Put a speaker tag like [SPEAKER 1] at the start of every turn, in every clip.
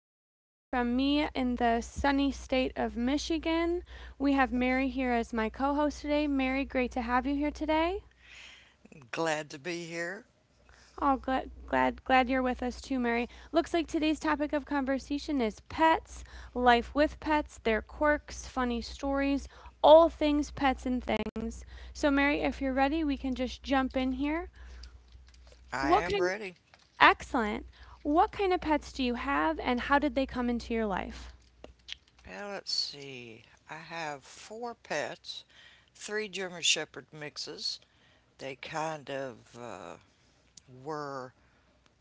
[SPEAKER 1] Good morning from me in the sunny state of Michigan. We have Mary here as my co host today. Mary, great to have you here today.
[SPEAKER 2] Glad to be here.
[SPEAKER 1] Oh, glad, glad, glad you're with us too, Mary. Looks like today's topic of conversation is pets, life with pets, their quirks, funny stories, all things pets and things. So, Mary, if you're ready, we can just jump in here.
[SPEAKER 2] I
[SPEAKER 1] What
[SPEAKER 2] am
[SPEAKER 1] kind
[SPEAKER 2] ready.
[SPEAKER 1] Excellent. What kind of pets do you have and how did they come into your life?
[SPEAKER 2] Now, let's see. I have four pets, three German Shepherd mixes. They kind of were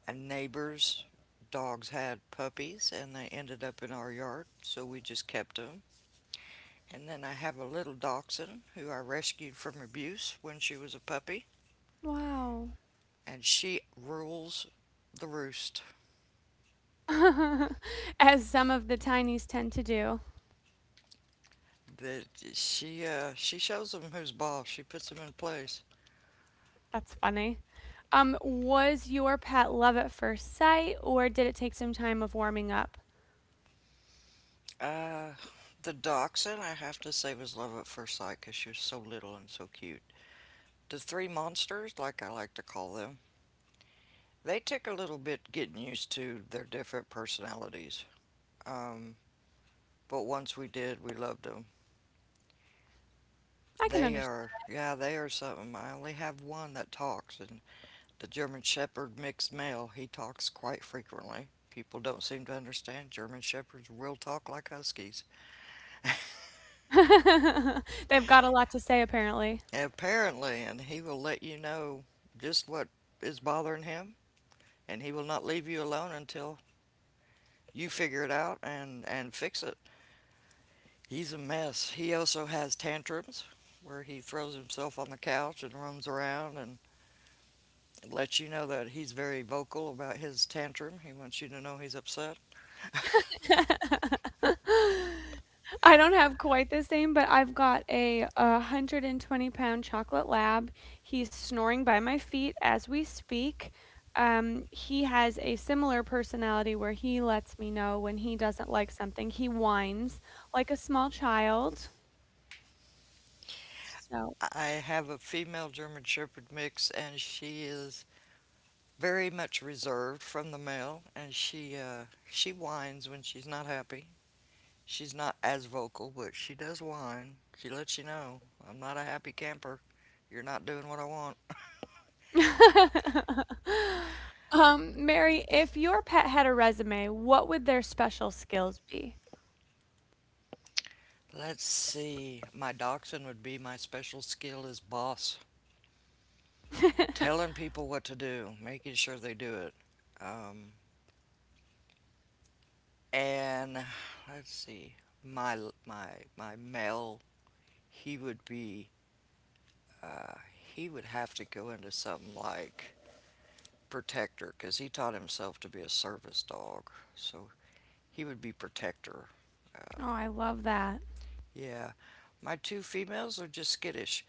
[SPEAKER 2] a neighbor's. Dogs had puppies and they ended up in our yard, so we just kept them. And then I have a little dachshund who I rescued from abuse when she was a puppy,
[SPEAKER 1] Wow.
[SPEAKER 2] and she rules the roost.
[SPEAKER 1] As some of the tinies tend to do.
[SPEAKER 2] That she shows them who's boss. She puts them in place.
[SPEAKER 1] That's funny. Was your pet love at first sight or did it take some time of warming up?
[SPEAKER 2] Uh, the dachshund, I have to say, was love at first sight because she was so little and so cute. The three monsters, like I like to call them, they took a little bit getting used to their different personalities. Um, but once we did, we loved them.
[SPEAKER 1] I can
[SPEAKER 2] They
[SPEAKER 1] understand.
[SPEAKER 2] are, yeah, they are something. I only have one that talks, and the German Shepherd mixed male, he talks quite frequently. People don't seem to understand German Shepherds will talk like Huskies.
[SPEAKER 1] They've got a lot to say apparently.
[SPEAKER 2] Apparently, and he will let you know just what is bothering him, and he will not leave you alone until you figure it out and, fix it. He's a mess. He also has tantrums where he throws himself on the couch and roams around and lets you know that he's very vocal about his tantrum. He wants you to know he's upset.
[SPEAKER 1] I don't have quite the same, but I've got a 120-pound chocolate lab. He's snoring by my feet as we speak. He has a similar personality where he lets me know when he doesn't like something. He whines like a small child. So,
[SPEAKER 2] I have a female German Shepherd mix, and she is very much reserved from the male, and she whines when she's not happy. She's not as vocal, but she does whine. She lets you know, I'm not a happy camper. You're not doing what I want.
[SPEAKER 1] Mary, if your pet had a resume, what would their special skills be?
[SPEAKER 2] Let's see. My dachshund would be my special skill as boss. Telling people what to do, making sure they do it. Um, and Let's see. My my my male, he would be uh, he would have to go into something like protector because he taught himself to be a service dog. So he would be protector. Uh,
[SPEAKER 1] Oh, I love that.
[SPEAKER 2] Yeah. My two females are just skittish,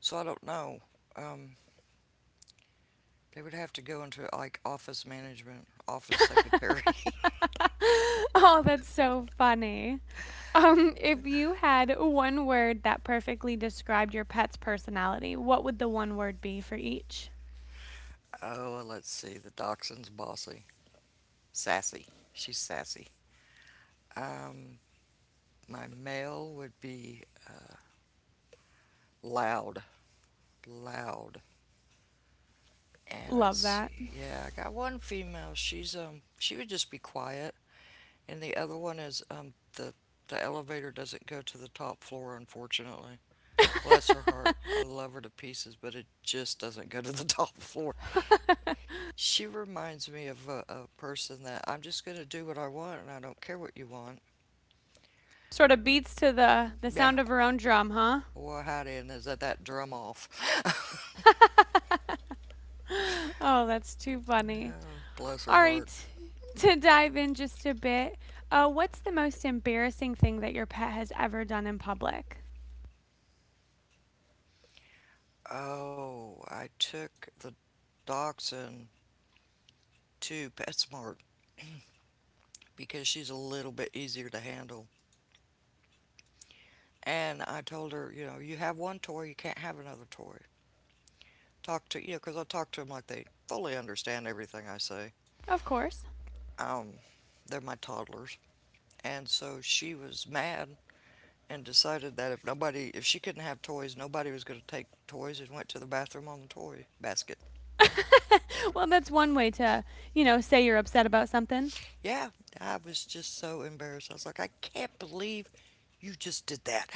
[SPEAKER 2] so I don't know. Um, they would have to go into like office management, office secretary.
[SPEAKER 1] Oh, that's so funny. If you had one word that perfectly described your pet's personality, what would the one word be for each?
[SPEAKER 2] Oh, well, let's see. The dachshund's bossy, sassy. She's sassy. Um, my male would be loud, loud. And let's
[SPEAKER 1] Love that.
[SPEAKER 2] see. Yeah, I got one female. She's she would just be quiet, and the other one is the elevator doesn't go to the top floor, unfortunately. Bless her heart. I love her to pieces, but it just doesn't go to the top floor. She reminds me of a person that I'm just going to do what I want and I don't care what you want.
[SPEAKER 1] Sort of beats to the
[SPEAKER 2] Yeah.
[SPEAKER 1] sound of her own drum, huh?
[SPEAKER 2] Well, howdy, and is that drum off?
[SPEAKER 1] Oh, that's too funny.
[SPEAKER 2] No, bless her
[SPEAKER 1] All
[SPEAKER 2] heart.
[SPEAKER 1] right, to dive in just a bit, what's the most embarrassing thing that your pet has ever done in public?
[SPEAKER 2] Oh, I took the dachshund to PetSmart because she's a little bit easier to handle. And I told her, you know, you have one toy, you can't have another toy. Talk to, you know, 'cause I talk to them like they fully understand everything I say.
[SPEAKER 1] Of course.
[SPEAKER 2] um, they're my toddlers. And so she was mad and decided that if nobody, if she couldn't have toys, nobody was going to take toys and went to the bathroom on the toy basket.
[SPEAKER 1] Well, that's one way to say you're upset about something.
[SPEAKER 2] Yeah, I was just so embarrassed. I was like, I can't believe you just did that.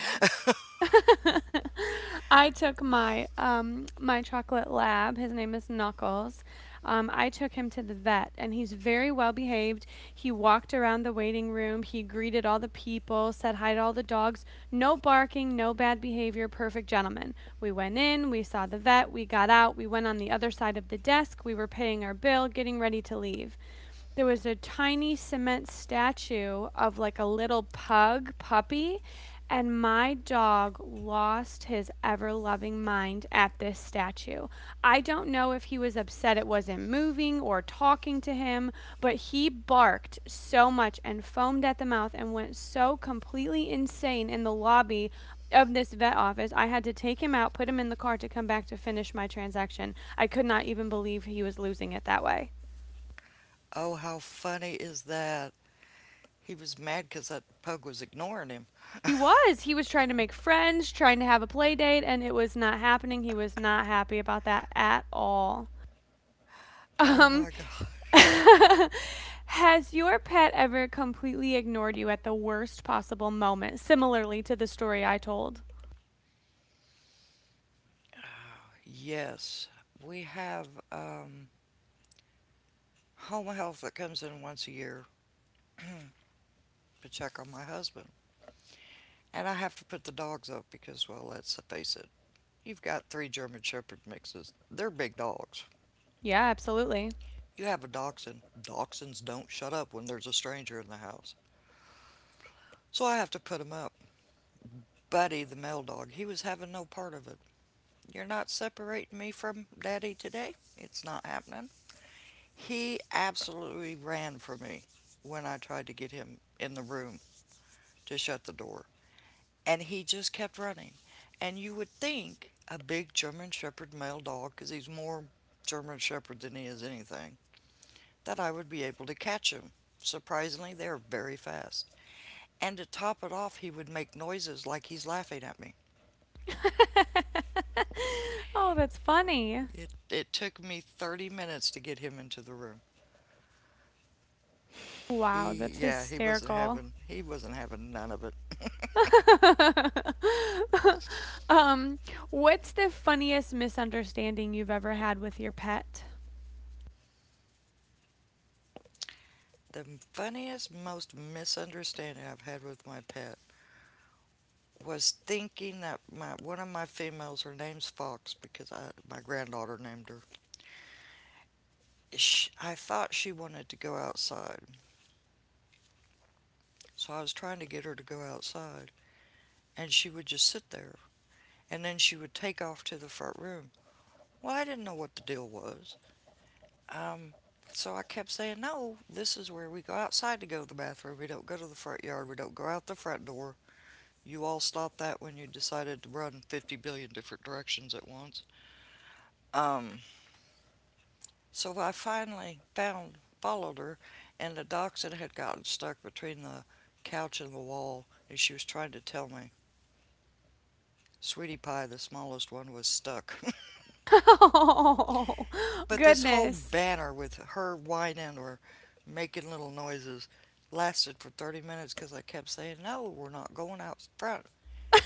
[SPEAKER 1] I took my chocolate lab. His name is Knuckles. I took him to the vet, and he's very well behaved. He walked around the waiting room. He greeted all the people, said hi to all the dogs. No barking, no bad behavior. Perfect gentleman. We went in. We saw the vet. We got out. We went on the other side of the desk. We were paying our bill, getting ready to leave. There was a tiny cement statue of like a little pug puppy, and my dog lost his ever loving mind at this statue. I don't know if he was upset it wasn't moving or talking to him, but he barked so much and foamed at the mouth and went so completely insane in the lobby of this vet office. I had to take him out, put him in the car to come back to finish my transaction. I could not even believe he was losing it that way.
[SPEAKER 2] Oh, how funny is that? He was mad because that pug was ignoring him.
[SPEAKER 1] He was. He was trying to make friends, trying to have a play date, and it was not happening. He was not happy about that at all.
[SPEAKER 2] Oh
[SPEAKER 1] Um,
[SPEAKER 2] my God.
[SPEAKER 1] has your pet ever completely ignored you at the worst possible moment, similarly to the story I told?
[SPEAKER 2] Yes, we have home health that comes in once a year to check on my husband. And I have to put the dogs up because, well, let's face it, you've got three German Shepherd mixes. They're big dogs.
[SPEAKER 1] Yeah, absolutely.
[SPEAKER 2] You have a dachshund. Dachshunds don't shut up when there's a stranger in the house. So I have to put 'em up. Buddy, the male dog, he was having no part of it. You're not separating me from Daddy today. It's not happening. He absolutely ran from me when I tried to get him in the room to shut the door. And he just kept running. And you would think a big German Shepherd male dog, 'cause he's more German Shepherd than he is anything, that I would be able to catch him. Surprisingly, they're very fast. And to top it off, he would make noises like he's laughing at me.
[SPEAKER 1] Oh, that's funny.
[SPEAKER 2] It took me 30 minutes to get him into the room.
[SPEAKER 1] Wow,
[SPEAKER 2] He,
[SPEAKER 1] that's
[SPEAKER 2] yeah,
[SPEAKER 1] hysterical.
[SPEAKER 2] he wasn't having none of it.
[SPEAKER 1] um, what's the funniest misunderstanding you've ever had with your pet?
[SPEAKER 2] The funniest, most misunderstanding I've had with my pet was thinking that my one of my females, her name's Fox because my granddaughter named her. Sh I thought she wanted to go outside, so I was trying to get her to go outside, and she would just sit there, and then she would take off to the front room. Well, I didn't know what the deal was. Um, so I kept saying, no, this is where we go outside to go to the bathroom. We don't go to the front yard. We don't go out the front door. You all stopped that when you decided to run 50 billion different directions at once. Um, So I finally followed her, and the dachshund had gotten stuck between the couch and the wall, and she was trying to tell me, Sweetie Pie, the smallest one, was stuck.
[SPEAKER 1] Oh,
[SPEAKER 2] But this whole
[SPEAKER 1] goodness.
[SPEAKER 2] banner with her whining or making little noises lasted for 30 minutes because I kept saying, no, we're not going out front.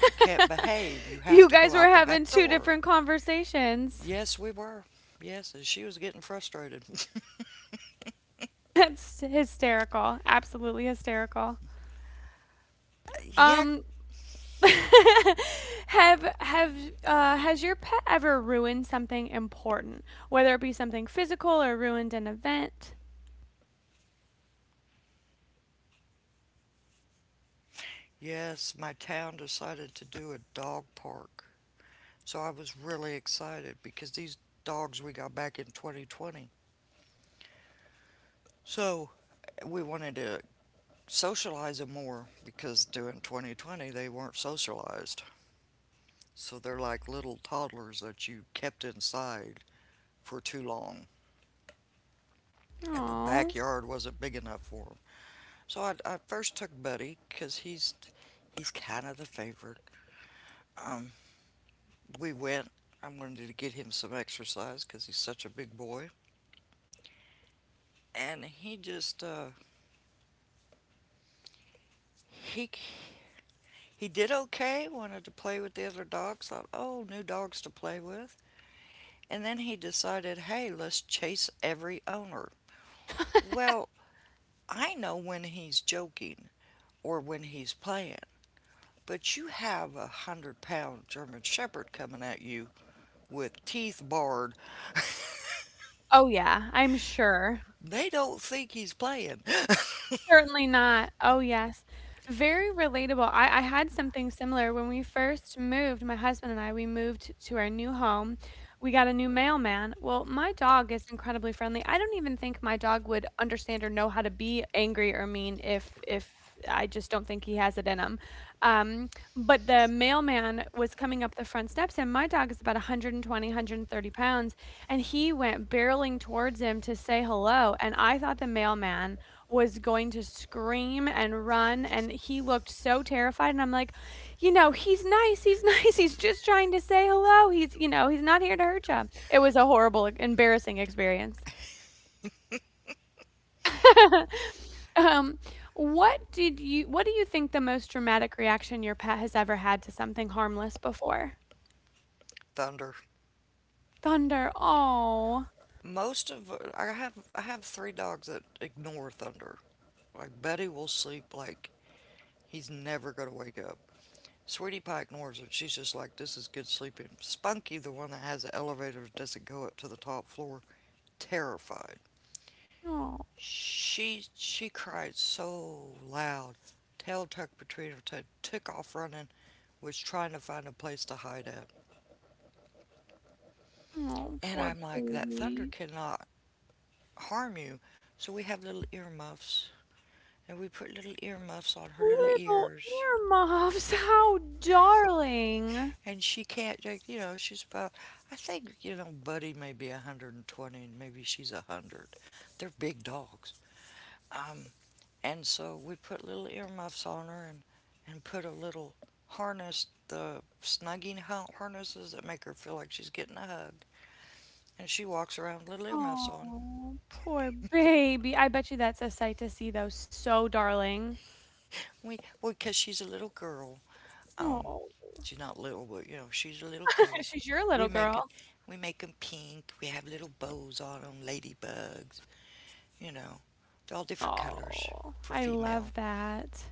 [SPEAKER 2] You can't behave. You have
[SPEAKER 1] You
[SPEAKER 2] to go
[SPEAKER 1] guys were
[SPEAKER 2] out the
[SPEAKER 1] having
[SPEAKER 2] back
[SPEAKER 1] two
[SPEAKER 2] door.
[SPEAKER 1] different conversations.
[SPEAKER 2] Yes, we were. Yes, and she was getting frustrated.
[SPEAKER 1] That's hysterical. Absolutely hysterical.
[SPEAKER 2] Yak.
[SPEAKER 1] Um have has your pet ever ruined something important, whether it be something physical or ruined an event?
[SPEAKER 2] Yes, my town decided to do a dog park. So I was really excited because these dogs we got back in 2020. So we wanted to socialize them more because during 2020 they weren't socialized. So they're like little toddlers that you kept inside for too long, and the
[SPEAKER 1] Oh.
[SPEAKER 2] backyard wasn't big enough for them. So I first took Buddy because he's kind of the favorite. Um, we went. I wanted to get him some exercise because he's such a big boy, and he just he He did okay, wanted to play with the other dogs, thought, oh, new dogs to play with. And then he decided, hey, let's chase every owner. Well, I know when he's joking or when he's playing, but you have 100 pound German Shepherd coming at you with teeth bared.
[SPEAKER 1] Oh yeah, I'm sure.
[SPEAKER 2] They don't think he's playing.
[SPEAKER 1] Certainly not. Oh, yes. Very relatable. I had something similar when we first moved. My husband and I, we moved to our new home. We got a new mailman. Well, my dog is incredibly friendly. I don't even think my dog would understand or know how to be angry or mean if I just don't think he has it in him. Um, but the mailman was coming up the front steps, and my dog is about 120, 130 pounds, and he went barreling towards him to say hello, and I thought the mailman was going to scream and run, and he looked so terrified. And I'm like, he's nice, he's nice, he's, just trying to say hello. he's not here to hurt you. It was a horrible, like, embarrassing experience. Um, what did you? What do you think the most dramatic reaction your pet has ever had to something harmless before?
[SPEAKER 2] Thunder.
[SPEAKER 1] Thunder. Oh,
[SPEAKER 2] Most of I have three dogs that ignore thunder. Like Betty will sleep like he's never gonna wake up. Sweetie Pie ignores it. She's just like, this is good sleeping. Spunky, the one that has the elevator that doesn't go up to the top floor, terrified.
[SPEAKER 1] oh,
[SPEAKER 2] She cried so loud. Tail tucked between her toes, took off running, was trying to find a place to hide at.
[SPEAKER 1] oh,
[SPEAKER 2] And
[SPEAKER 1] poor
[SPEAKER 2] I'm like, that thunder
[SPEAKER 1] baby.
[SPEAKER 2] cannot harm you. So we have little earmuffs, and we put little earmuffs on her little
[SPEAKER 1] Little
[SPEAKER 2] ears,
[SPEAKER 1] earmuffs, how darling.
[SPEAKER 2] and she can't like, you know, she's about, I think, you know, Buddy may be 120, and maybe she's 100. They're big dogs. um, and so we put little earmuffs on her, and put a little harness, the snugging harnesses that make her feel like she's getting a hug, and she walks around with little earmuffs on.
[SPEAKER 1] Oh, poor baby. I bet you that's a sight to see, though, so darling.
[SPEAKER 2] We Well, because she's a little girl. um,
[SPEAKER 1] Oh,
[SPEAKER 2] she's not little, but you know, she's a little girl.
[SPEAKER 1] she's your
[SPEAKER 2] we
[SPEAKER 1] little
[SPEAKER 2] make
[SPEAKER 1] girl.
[SPEAKER 2] it we make them pink. We have little bows on them, ladybugs, you know, they're all different colors
[SPEAKER 1] Oh,
[SPEAKER 2] for
[SPEAKER 1] I
[SPEAKER 2] female.
[SPEAKER 1] love that.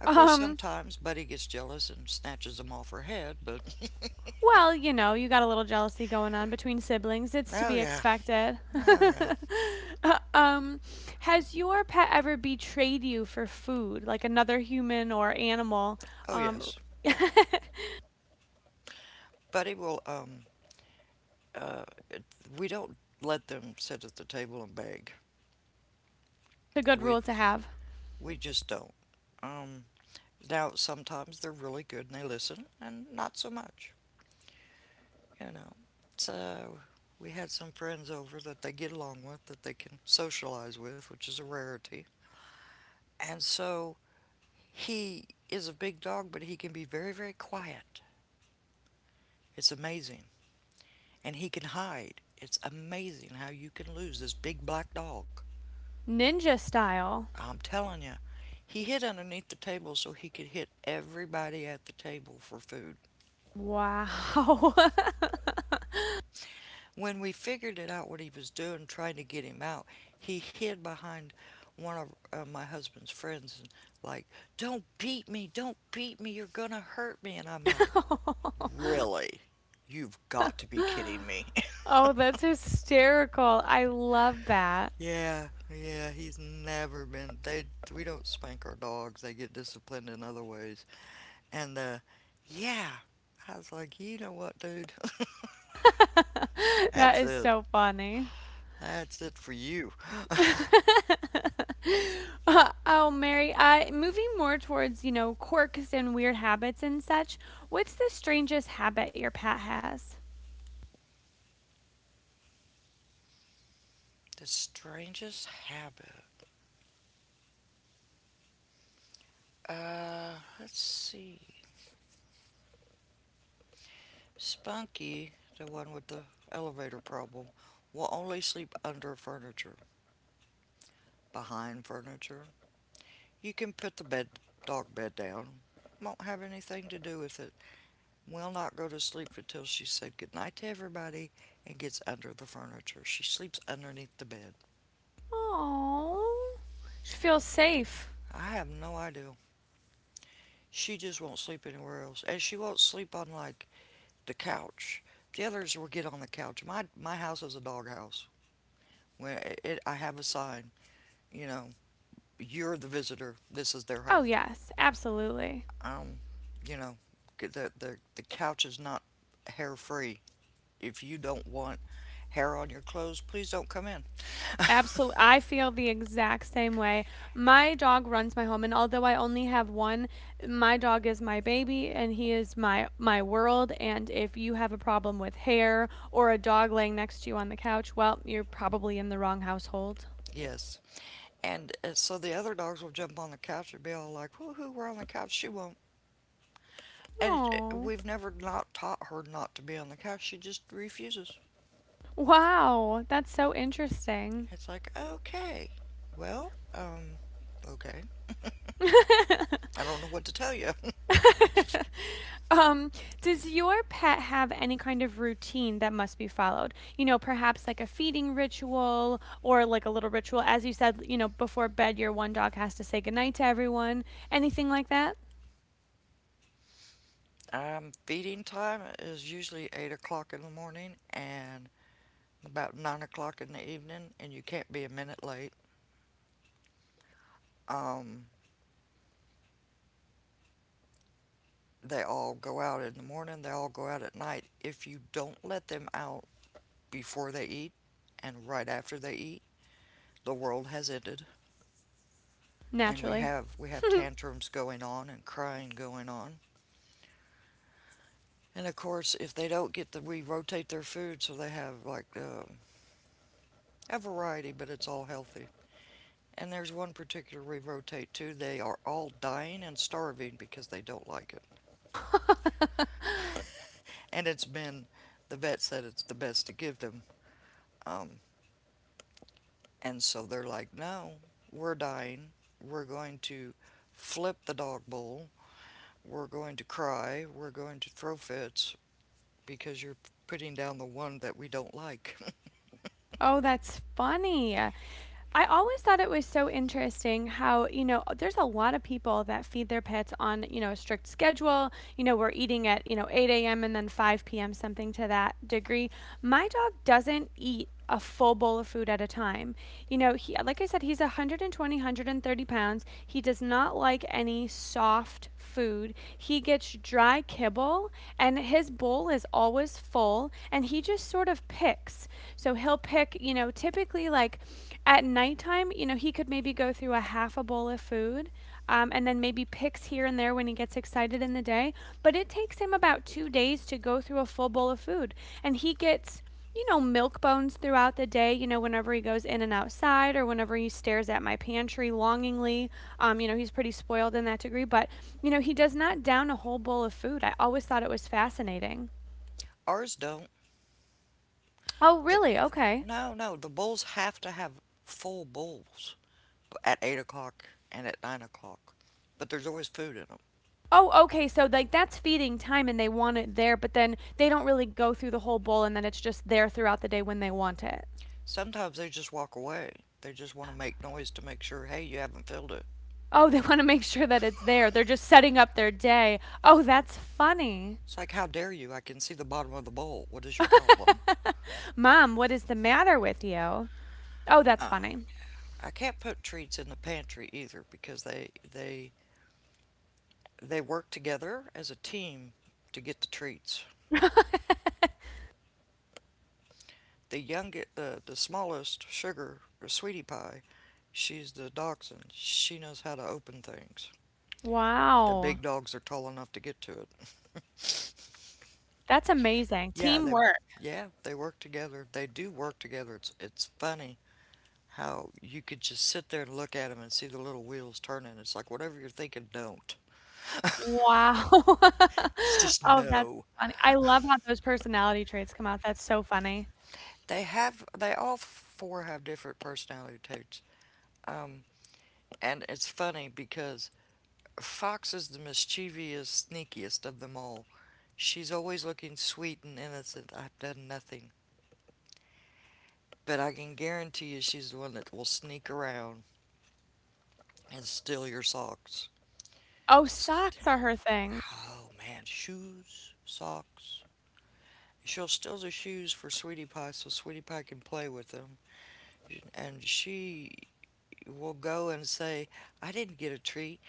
[SPEAKER 2] Of course,
[SPEAKER 1] Um,
[SPEAKER 2] sometimes Buddy gets jealous and snatches them off her head, but
[SPEAKER 1] well, you got a little jealousy going on between siblings. It's to
[SPEAKER 2] oh
[SPEAKER 1] be
[SPEAKER 2] yeah,
[SPEAKER 1] expected.
[SPEAKER 2] oh yeah,
[SPEAKER 1] Uh, um, has your pet ever betrayed you for food, like another human or animal?
[SPEAKER 2] oh
[SPEAKER 1] Um,
[SPEAKER 2] yes. Buddy will. Uh, it, we don't let them sit at the table and beg.
[SPEAKER 1] It's a good
[SPEAKER 2] We
[SPEAKER 1] rule to have.
[SPEAKER 2] we just don't. Um, Now sometimes they're really good and they listen, and not so much, you know. So we had some friends over that they get along with, that they can socialize with, which is a rarity. And so he is a big dog, but he can be very, very quiet. It's amazing. And he can hide. It's amazing how you can lose this big black dog.
[SPEAKER 1] Ninja style.
[SPEAKER 2] I'm telling you, he hid underneath the table so he could hit everybody at the table for food.
[SPEAKER 1] Wow.
[SPEAKER 2] When we figured it out what he was doing, trying to get him out, he hid behind one of my husband's friends and like, "Don't beat me! Don't beat me! You're gonna hurt me!" And I'm like, "Really? You've got to be kidding me!"
[SPEAKER 1] Oh, that's hysterical. I love that.
[SPEAKER 2] Yeah, yeah, he's never been. They We don't spank our dogs. They get disciplined in other ways. And yeah, I was like, you know what, dude?
[SPEAKER 1] That
[SPEAKER 2] That's
[SPEAKER 1] is
[SPEAKER 2] it.
[SPEAKER 1] so funny.
[SPEAKER 2] That's it for you.
[SPEAKER 1] Oh, Mary, moving more towards, quirks and weird habits and such, what's the strangest habit your pet has?
[SPEAKER 2] The strangest habit. Uh, let's see. Spunky, the one with the elevator problem, will only sleep under furniture, behind furniture. You can put the dog bed down. Won't have anything to do with it. Will not go to sleep until she said goodnight to everybody and gets under the furniture. She sleeps underneath the bed.
[SPEAKER 1] Oh, she feels safe.
[SPEAKER 2] I have no idea. She just won't sleep anywhere else. And she won't sleep on like the couch. The others will get on the couch. My house is a dog house. When it I have a sign, you know, you're the visitor. This is their
[SPEAKER 1] Oh,
[SPEAKER 2] home.
[SPEAKER 1] yes, absolutely.
[SPEAKER 2] Um, you know, the couch is not hair free. If you don't want hair on your clothes, please don't come in.
[SPEAKER 1] Absolutely. I feel the exact same way. My dog runs my home, and although I only have one, my dog is my baby and he is my world. And if you have a problem with hair or a dog laying next to you on the couch, well, you're probably in the wrong household.
[SPEAKER 2] Yes. And so the other dogs will jump on the couch and be all like, woohoo, we're on the couch. She won't. And
[SPEAKER 1] Oh,
[SPEAKER 2] we've never not taught her not to be on the couch. She just refuses.
[SPEAKER 1] wow. That's so interesting.
[SPEAKER 2] It's like, okay, well, okay. I don't know what to tell you.
[SPEAKER 1] Um, does your pet have any kind of routine that must be followed? You know, perhaps like a feeding ritual or like a little ritual. As you said, you know, before bed, your one dog has to say goodnight to everyone. Anything like that?
[SPEAKER 2] Feeding time is usually 8 o'clock in the morning and about 9 o'clock in the evening, and you can't be a minute late. Um, they all go out in the morning, they all go out at night. If you don't let them out before they eat and right after they eat, the world has ended, and we
[SPEAKER 1] Naturally.
[SPEAKER 2] have we have tantrums going on and crying going on. And of course, if they don't get the, we rotate their food so they have like a variety, but it's all healthy, and there's one particular we rotate to, they are all dying and starving because they don't like it, and it's been, the vet said it's the best to give them. um, and so they're like, no, we're dying, we're going to flip the dog bowl, we're going to cry, we're going to throw fits because you're putting down the one that we don't like.
[SPEAKER 1] Oh, that's funny. I always thought it was so interesting how there's a lot of people that feed their pets on you know, a strict schedule. We're eating at 8 a.m. and then 5 p.m., something to that degree. My dog doesn't eat a full bowl of food at a time. He, like I said, he's 120, 130 pounds. He does not like any soft food. He gets dry kibble, and his bowl is always full, and he just sort of picks. So he'll pick, typically like at nighttime, he could maybe go through a half a bowl of food, and then maybe picks here and there when he gets excited in the day. But it takes him about 2 days to go through a full bowl of food, and he gets milk bones throughout the day, whenever he goes in and outside or whenever he stares at my pantry longingly. He's pretty spoiled in that degree, but he does not down a whole bowl of food. I always thought it was fascinating.
[SPEAKER 2] Ours don't.
[SPEAKER 1] Oh,
[SPEAKER 2] The,
[SPEAKER 1] really? Okay.
[SPEAKER 2] no, no. The bulls have to have full bulls at 8 o'clock and at 9 o'clock, but there's always food in them.
[SPEAKER 1] Oh, okay. So, like, that's feeding time and they want it there, but then they don't really go through the whole bowl and then it's just there throughout the day when they want it.
[SPEAKER 2] Sometimes they just walk away. They just want to make noise to make sure, hey, you haven't filled it.
[SPEAKER 1] Oh, they want to make sure that it's there. They're just setting up their day. Oh, that's funny.
[SPEAKER 2] It's like, how dare you? I can see the bottom of the bowl. What is your problem?
[SPEAKER 1] Mom, what is the matter with you? Oh, that's funny.
[SPEAKER 2] I can't put treats in the pantry either because they work together as a team to get the treats. The youngest, the smallest, Sugar or Sweetie Pie, she's the dachshund. She knows how to open things. The
[SPEAKER 1] Wow,
[SPEAKER 2] big dogs are tall enough to get to it.
[SPEAKER 1] that's amazing.
[SPEAKER 2] Yeah, they,
[SPEAKER 1] Teamwork.
[SPEAKER 2] yeah, they work together. They do work together. It's funny how you could just sit there and look at them and see the little wheels turning. It's like, whatever you're thinking, don't.
[SPEAKER 1] Wow.
[SPEAKER 2] It's just
[SPEAKER 1] Oh, that's
[SPEAKER 2] no.
[SPEAKER 1] funny. I love how those personality traits come out. That's so funny.
[SPEAKER 2] They have, they all four have different personality traits. Um, and it's funny because Fox is the mischievous, sneakiest of them all. She's always looking sweet and innocent. I've done nothing. But I can guarantee you, she's the one that will sneak around and steal your socks.
[SPEAKER 1] Oh, socks are her thing.
[SPEAKER 2] Oh man, shoes, socks. She'll steal the shoes for Sweetie Pie so Sweetie Pie can play with them. And she will go and say, I didn't get a treat.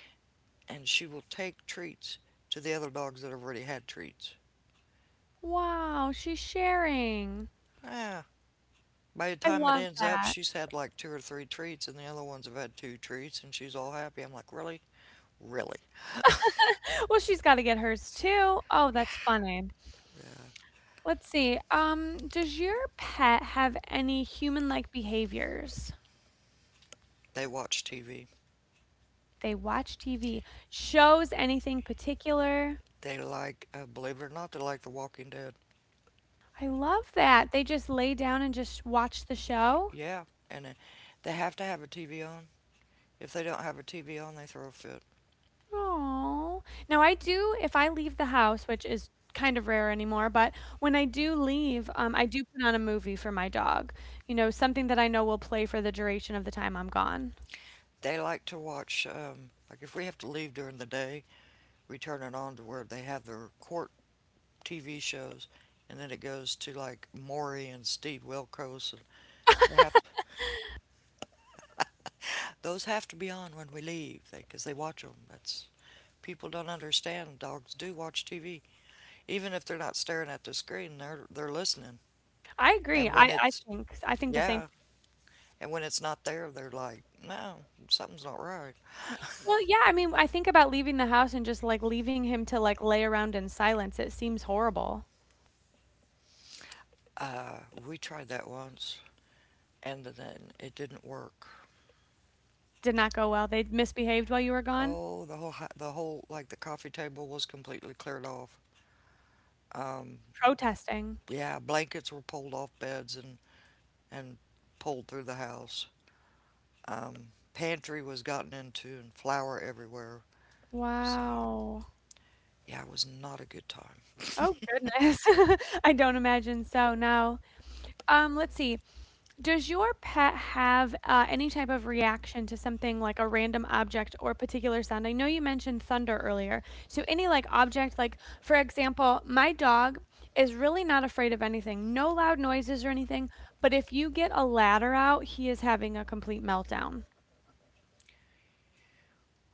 [SPEAKER 2] And she will take treats to the other dogs that have already had treats.
[SPEAKER 1] Wow, she's sharing.
[SPEAKER 2] Ah, by the
[SPEAKER 1] I
[SPEAKER 2] time it
[SPEAKER 1] love
[SPEAKER 2] ends up,
[SPEAKER 1] that.
[SPEAKER 2] she's had like two or three treats, and the other ones have had two treats, and she's all happy. I'm like, really? Really?
[SPEAKER 1] Well, she's gotta get hers too. Oh, that's funny.
[SPEAKER 2] Yeah.
[SPEAKER 1] Let's see, does your pet have any human-like behaviors?
[SPEAKER 2] They watch TV.
[SPEAKER 1] They watch TV. Shows anything particular?
[SPEAKER 2] They like, believe it or not, they like The Walking Dead.
[SPEAKER 1] I love that. They just lay down and just watch the show?
[SPEAKER 2] Yeah. And they have to have a TV on. If they don't have a TV on, they throw a fit.
[SPEAKER 1] Oh. Now I do if I leave the house, which is kind of rare anymore, but when I do leave, I do put on a movie for my dog. Something that I know will play for the duration of the time I'm gone.
[SPEAKER 2] They like to watch, like, if we have to leave during the day, we turn it on to where they have their court TV shows, and then it goes to like Maury and Steve Wilkos. And they have to, those have to be on when we leave because they watch them. That's, people don't understand. Dogs do watch TV, even if they're not staring at the screen. They're listening.
[SPEAKER 1] I agree.
[SPEAKER 2] And when
[SPEAKER 1] I I think I think the same.
[SPEAKER 2] yeah, and when it's not there, they're like, no, something's not right.
[SPEAKER 1] Well, yeah, I mean, I think about leaving the house and just like leaving him to like lay around in silence. It seems horrible.
[SPEAKER 2] Uh, we tried that once, and then it didn't work.
[SPEAKER 1] Did not go well. They misbehaved while you were gone?
[SPEAKER 2] Oh, the whole, the whole, like the coffee table was completely cleared off.
[SPEAKER 1] Protesting.
[SPEAKER 2] Yeah, blankets were pulled off beds and pulled through the house. Pantry was gotten into, and flour everywhere. Was,
[SPEAKER 1] Wow.
[SPEAKER 2] yeah, it was not a good time.
[SPEAKER 1] Oh goodness. I don't imagine so. No. Let's see. Does your pet have any type of reaction to something like a random object or particular sound? I know you mentioned thunder earlier. So, any like object, like for example, my dog is really not afraid of anything, no loud noises or anything. But if you get a ladder out, he is having a complete meltdown.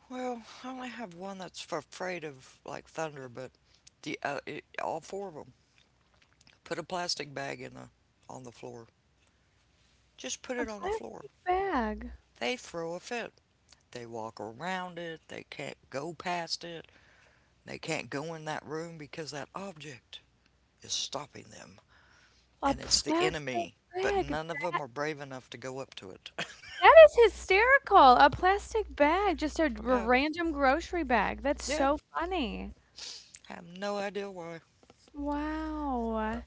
[SPEAKER 2] Well, I only have one that's afraid of like thunder, but the all four of them, put a plastic bag in the, on the floor. Just
[SPEAKER 1] A
[SPEAKER 2] put it on the
[SPEAKER 1] plastic
[SPEAKER 2] floor.
[SPEAKER 1] bag.
[SPEAKER 2] They throw a fit. They walk around it. They can't go past it. They can't go in that room because that object is stopping them,
[SPEAKER 1] A
[SPEAKER 2] and it's the
[SPEAKER 1] plastic
[SPEAKER 2] enemy. But
[SPEAKER 1] bag.
[SPEAKER 2] none of them are brave enough to go up to it.
[SPEAKER 1] That is hysterical. A plastic bag, just a
[SPEAKER 2] But yeah,
[SPEAKER 1] random grocery bag. That's
[SPEAKER 2] yeah.
[SPEAKER 1] so funny.
[SPEAKER 2] Have no idea why
[SPEAKER 1] Wow.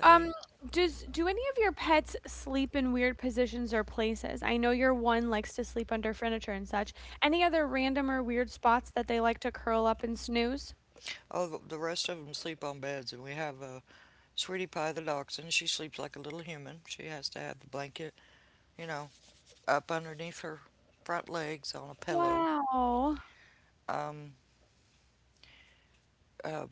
[SPEAKER 2] they.
[SPEAKER 1] Um, does do any of your pets sleep in weird positions or places? I know your one likes to sleep under furniture and such. Any other random or weird spots that they like to curl up and snooze?
[SPEAKER 2] All the rest of them sleep on beds, and we have Sweetie Pie the dachshund. She sleeps like a little human. She has to have the blanket, you know, up underneath her front legs on a pillow.
[SPEAKER 1] Wow.
[SPEAKER 2] Um, uh,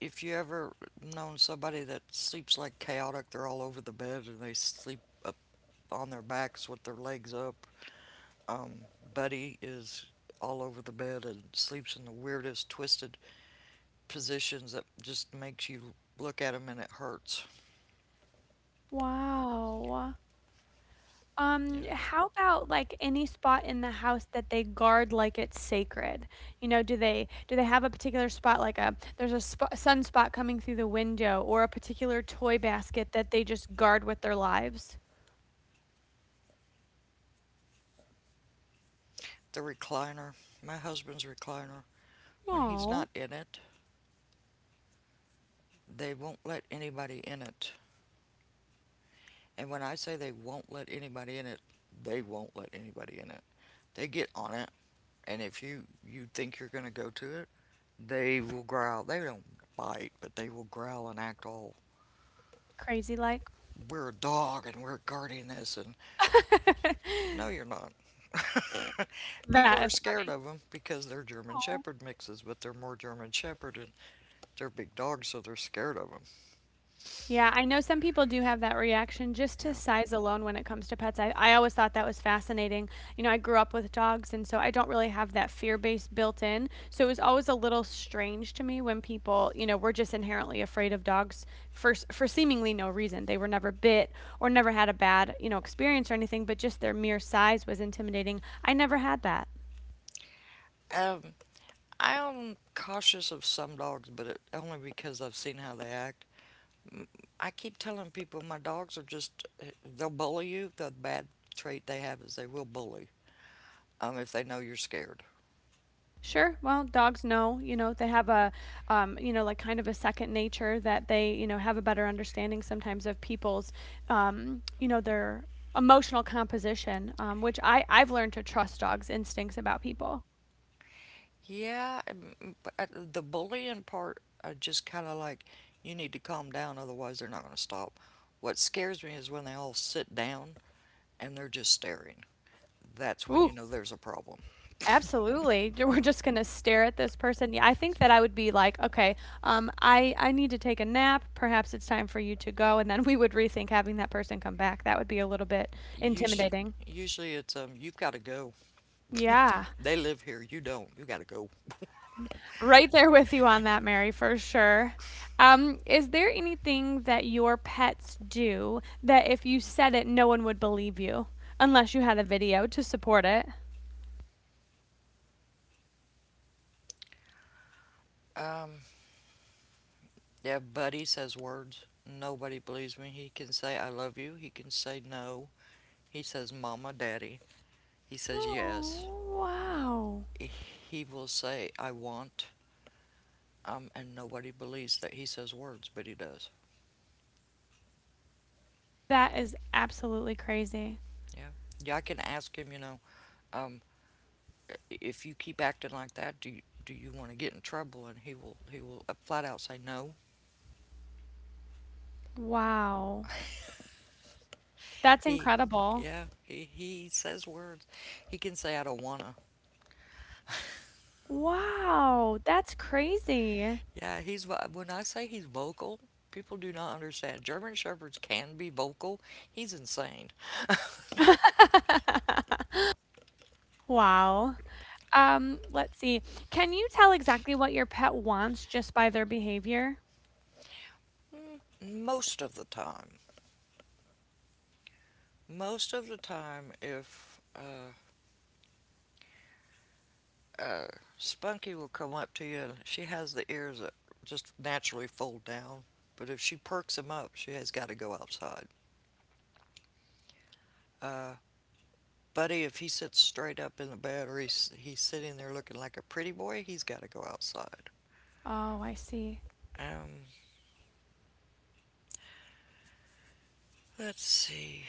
[SPEAKER 2] if you ever known somebody that sleeps like chaotic, they're all over the bed and they sleep up on their backs with their legs up. Um, Buddy is all over the bed and sleeps in the weirdest twisted positions that just makes you look at him, and it hurts.
[SPEAKER 1] Wow.
[SPEAKER 2] Yeah.
[SPEAKER 1] How about like any spot in the house that they guard like it's sacred? You know, do they have a particular spot like a there's a spot, sunspot coming through the window, or a particular toy basket that they just guard with their lives?
[SPEAKER 2] The recliner, my husband's recliner. When he's
[SPEAKER 1] Oh,
[SPEAKER 2] not in it, they won't let anybody in it. And when I say they won't let anybody in it, they won't let anybody in it. They get on it, and if you think you're going to go to it, they will growl. They don't bite, but they will growl and act all,
[SPEAKER 1] crazy like.
[SPEAKER 2] we're a dog and we're guarding this, and no you're not. People
[SPEAKER 1] That
[SPEAKER 2] are
[SPEAKER 1] is
[SPEAKER 2] scared
[SPEAKER 1] fun,
[SPEAKER 2] of them because they're German
[SPEAKER 1] aw.
[SPEAKER 2] Shepherd mixes, but they're more German Shepherd, and they're big dogs, so they're scared of them.
[SPEAKER 1] Yeah, I know some people do have that reaction just to
[SPEAKER 2] Yeah.
[SPEAKER 1] size alone when it comes to pets. I always thought that was fascinating. You know, I grew up with dogs, and so I don't really have that fear base built in, so it was always a little strange to me when people, you know, were just inherently afraid of dogs for seemingly no reason. They were never bit or never had a bad, you know, experience or anything, but just their mere size was intimidating. I never had that.
[SPEAKER 2] Um, I'm cautious of some dogs, but only because I've seen how they act. I keep telling people my dogs are just, they'll bully you. The bad trait they have is they will bully, if they know you're scared.
[SPEAKER 1] Sure. Well, dogs know, you know, they have a, you know, like kind of a second nature that they, you know, have a better understanding sometimes of people's, you know, their emotional composition, which I've learned to trust dogs' instincts about people.
[SPEAKER 2] Yeah, but the bullying part, I just kind of like, you need to calm down, otherwise they're not going to stop. What scares me is when they all sit down and they're just staring. That's when you
[SPEAKER 1] Ooh,
[SPEAKER 2] know there's a problem.
[SPEAKER 1] absolutely. J- We're just gonna stare at this person. Yeah, I think that I would be like, okay, I need to take a nap. Perhaps it's time for you to go, and then we would rethink having that person come back. That would be a little bit
[SPEAKER 2] Usually,
[SPEAKER 1] intimidating.
[SPEAKER 2] usually it's you've got to go.
[SPEAKER 1] Yeah.
[SPEAKER 2] They live here. You don't. You gotta go.
[SPEAKER 1] Right there with you on that, Mary, for sure. Is there anything that your pets do that if you said it, no one would believe you unless you had a video to support it?
[SPEAKER 2] Yeah, Buddy says words. Nobody believes me. He can say I love you. He can say no. He says mama, daddy. He says yes.
[SPEAKER 1] Oh, wow.
[SPEAKER 2] He will say I want. And nobody believes that he says words, but he does.
[SPEAKER 1] That is absolutely crazy.
[SPEAKER 2] Yeah. Yeah, I can ask him. You know, um, if you keep acting like that, do you want to get in trouble? And he will flat out say no.
[SPEAKER 1] Wow. That's
[SPEAKER 2] He
[SPEAKER 1] incredible.
[SPEAKER 2] he says words. He can say I don't wanna.
[SPEAKER 1] Wow, that's crazy.
[SPEAKER 2] Yeah, he's when I say he's vocal, people do not understand. German shepherds can be vocal. He's insane.
[SPEAKER 1] Wow. Let's see. Can you tell exactly what your pet wants just by their behavior?
[SPEAKER 2] Most of the time, most of the time, if uh, Spunky will come up to you, and she has the ears that just naturally fold down. But if she perks him up, she has got to go outside. Uh, Buddy, if he sits straight up in the bed, or he's sitting there looking like a pretty boy, he's got to go outside.
[SPEAKER 1] Oh, I see.
[SPEAKER 2] Um, let's see.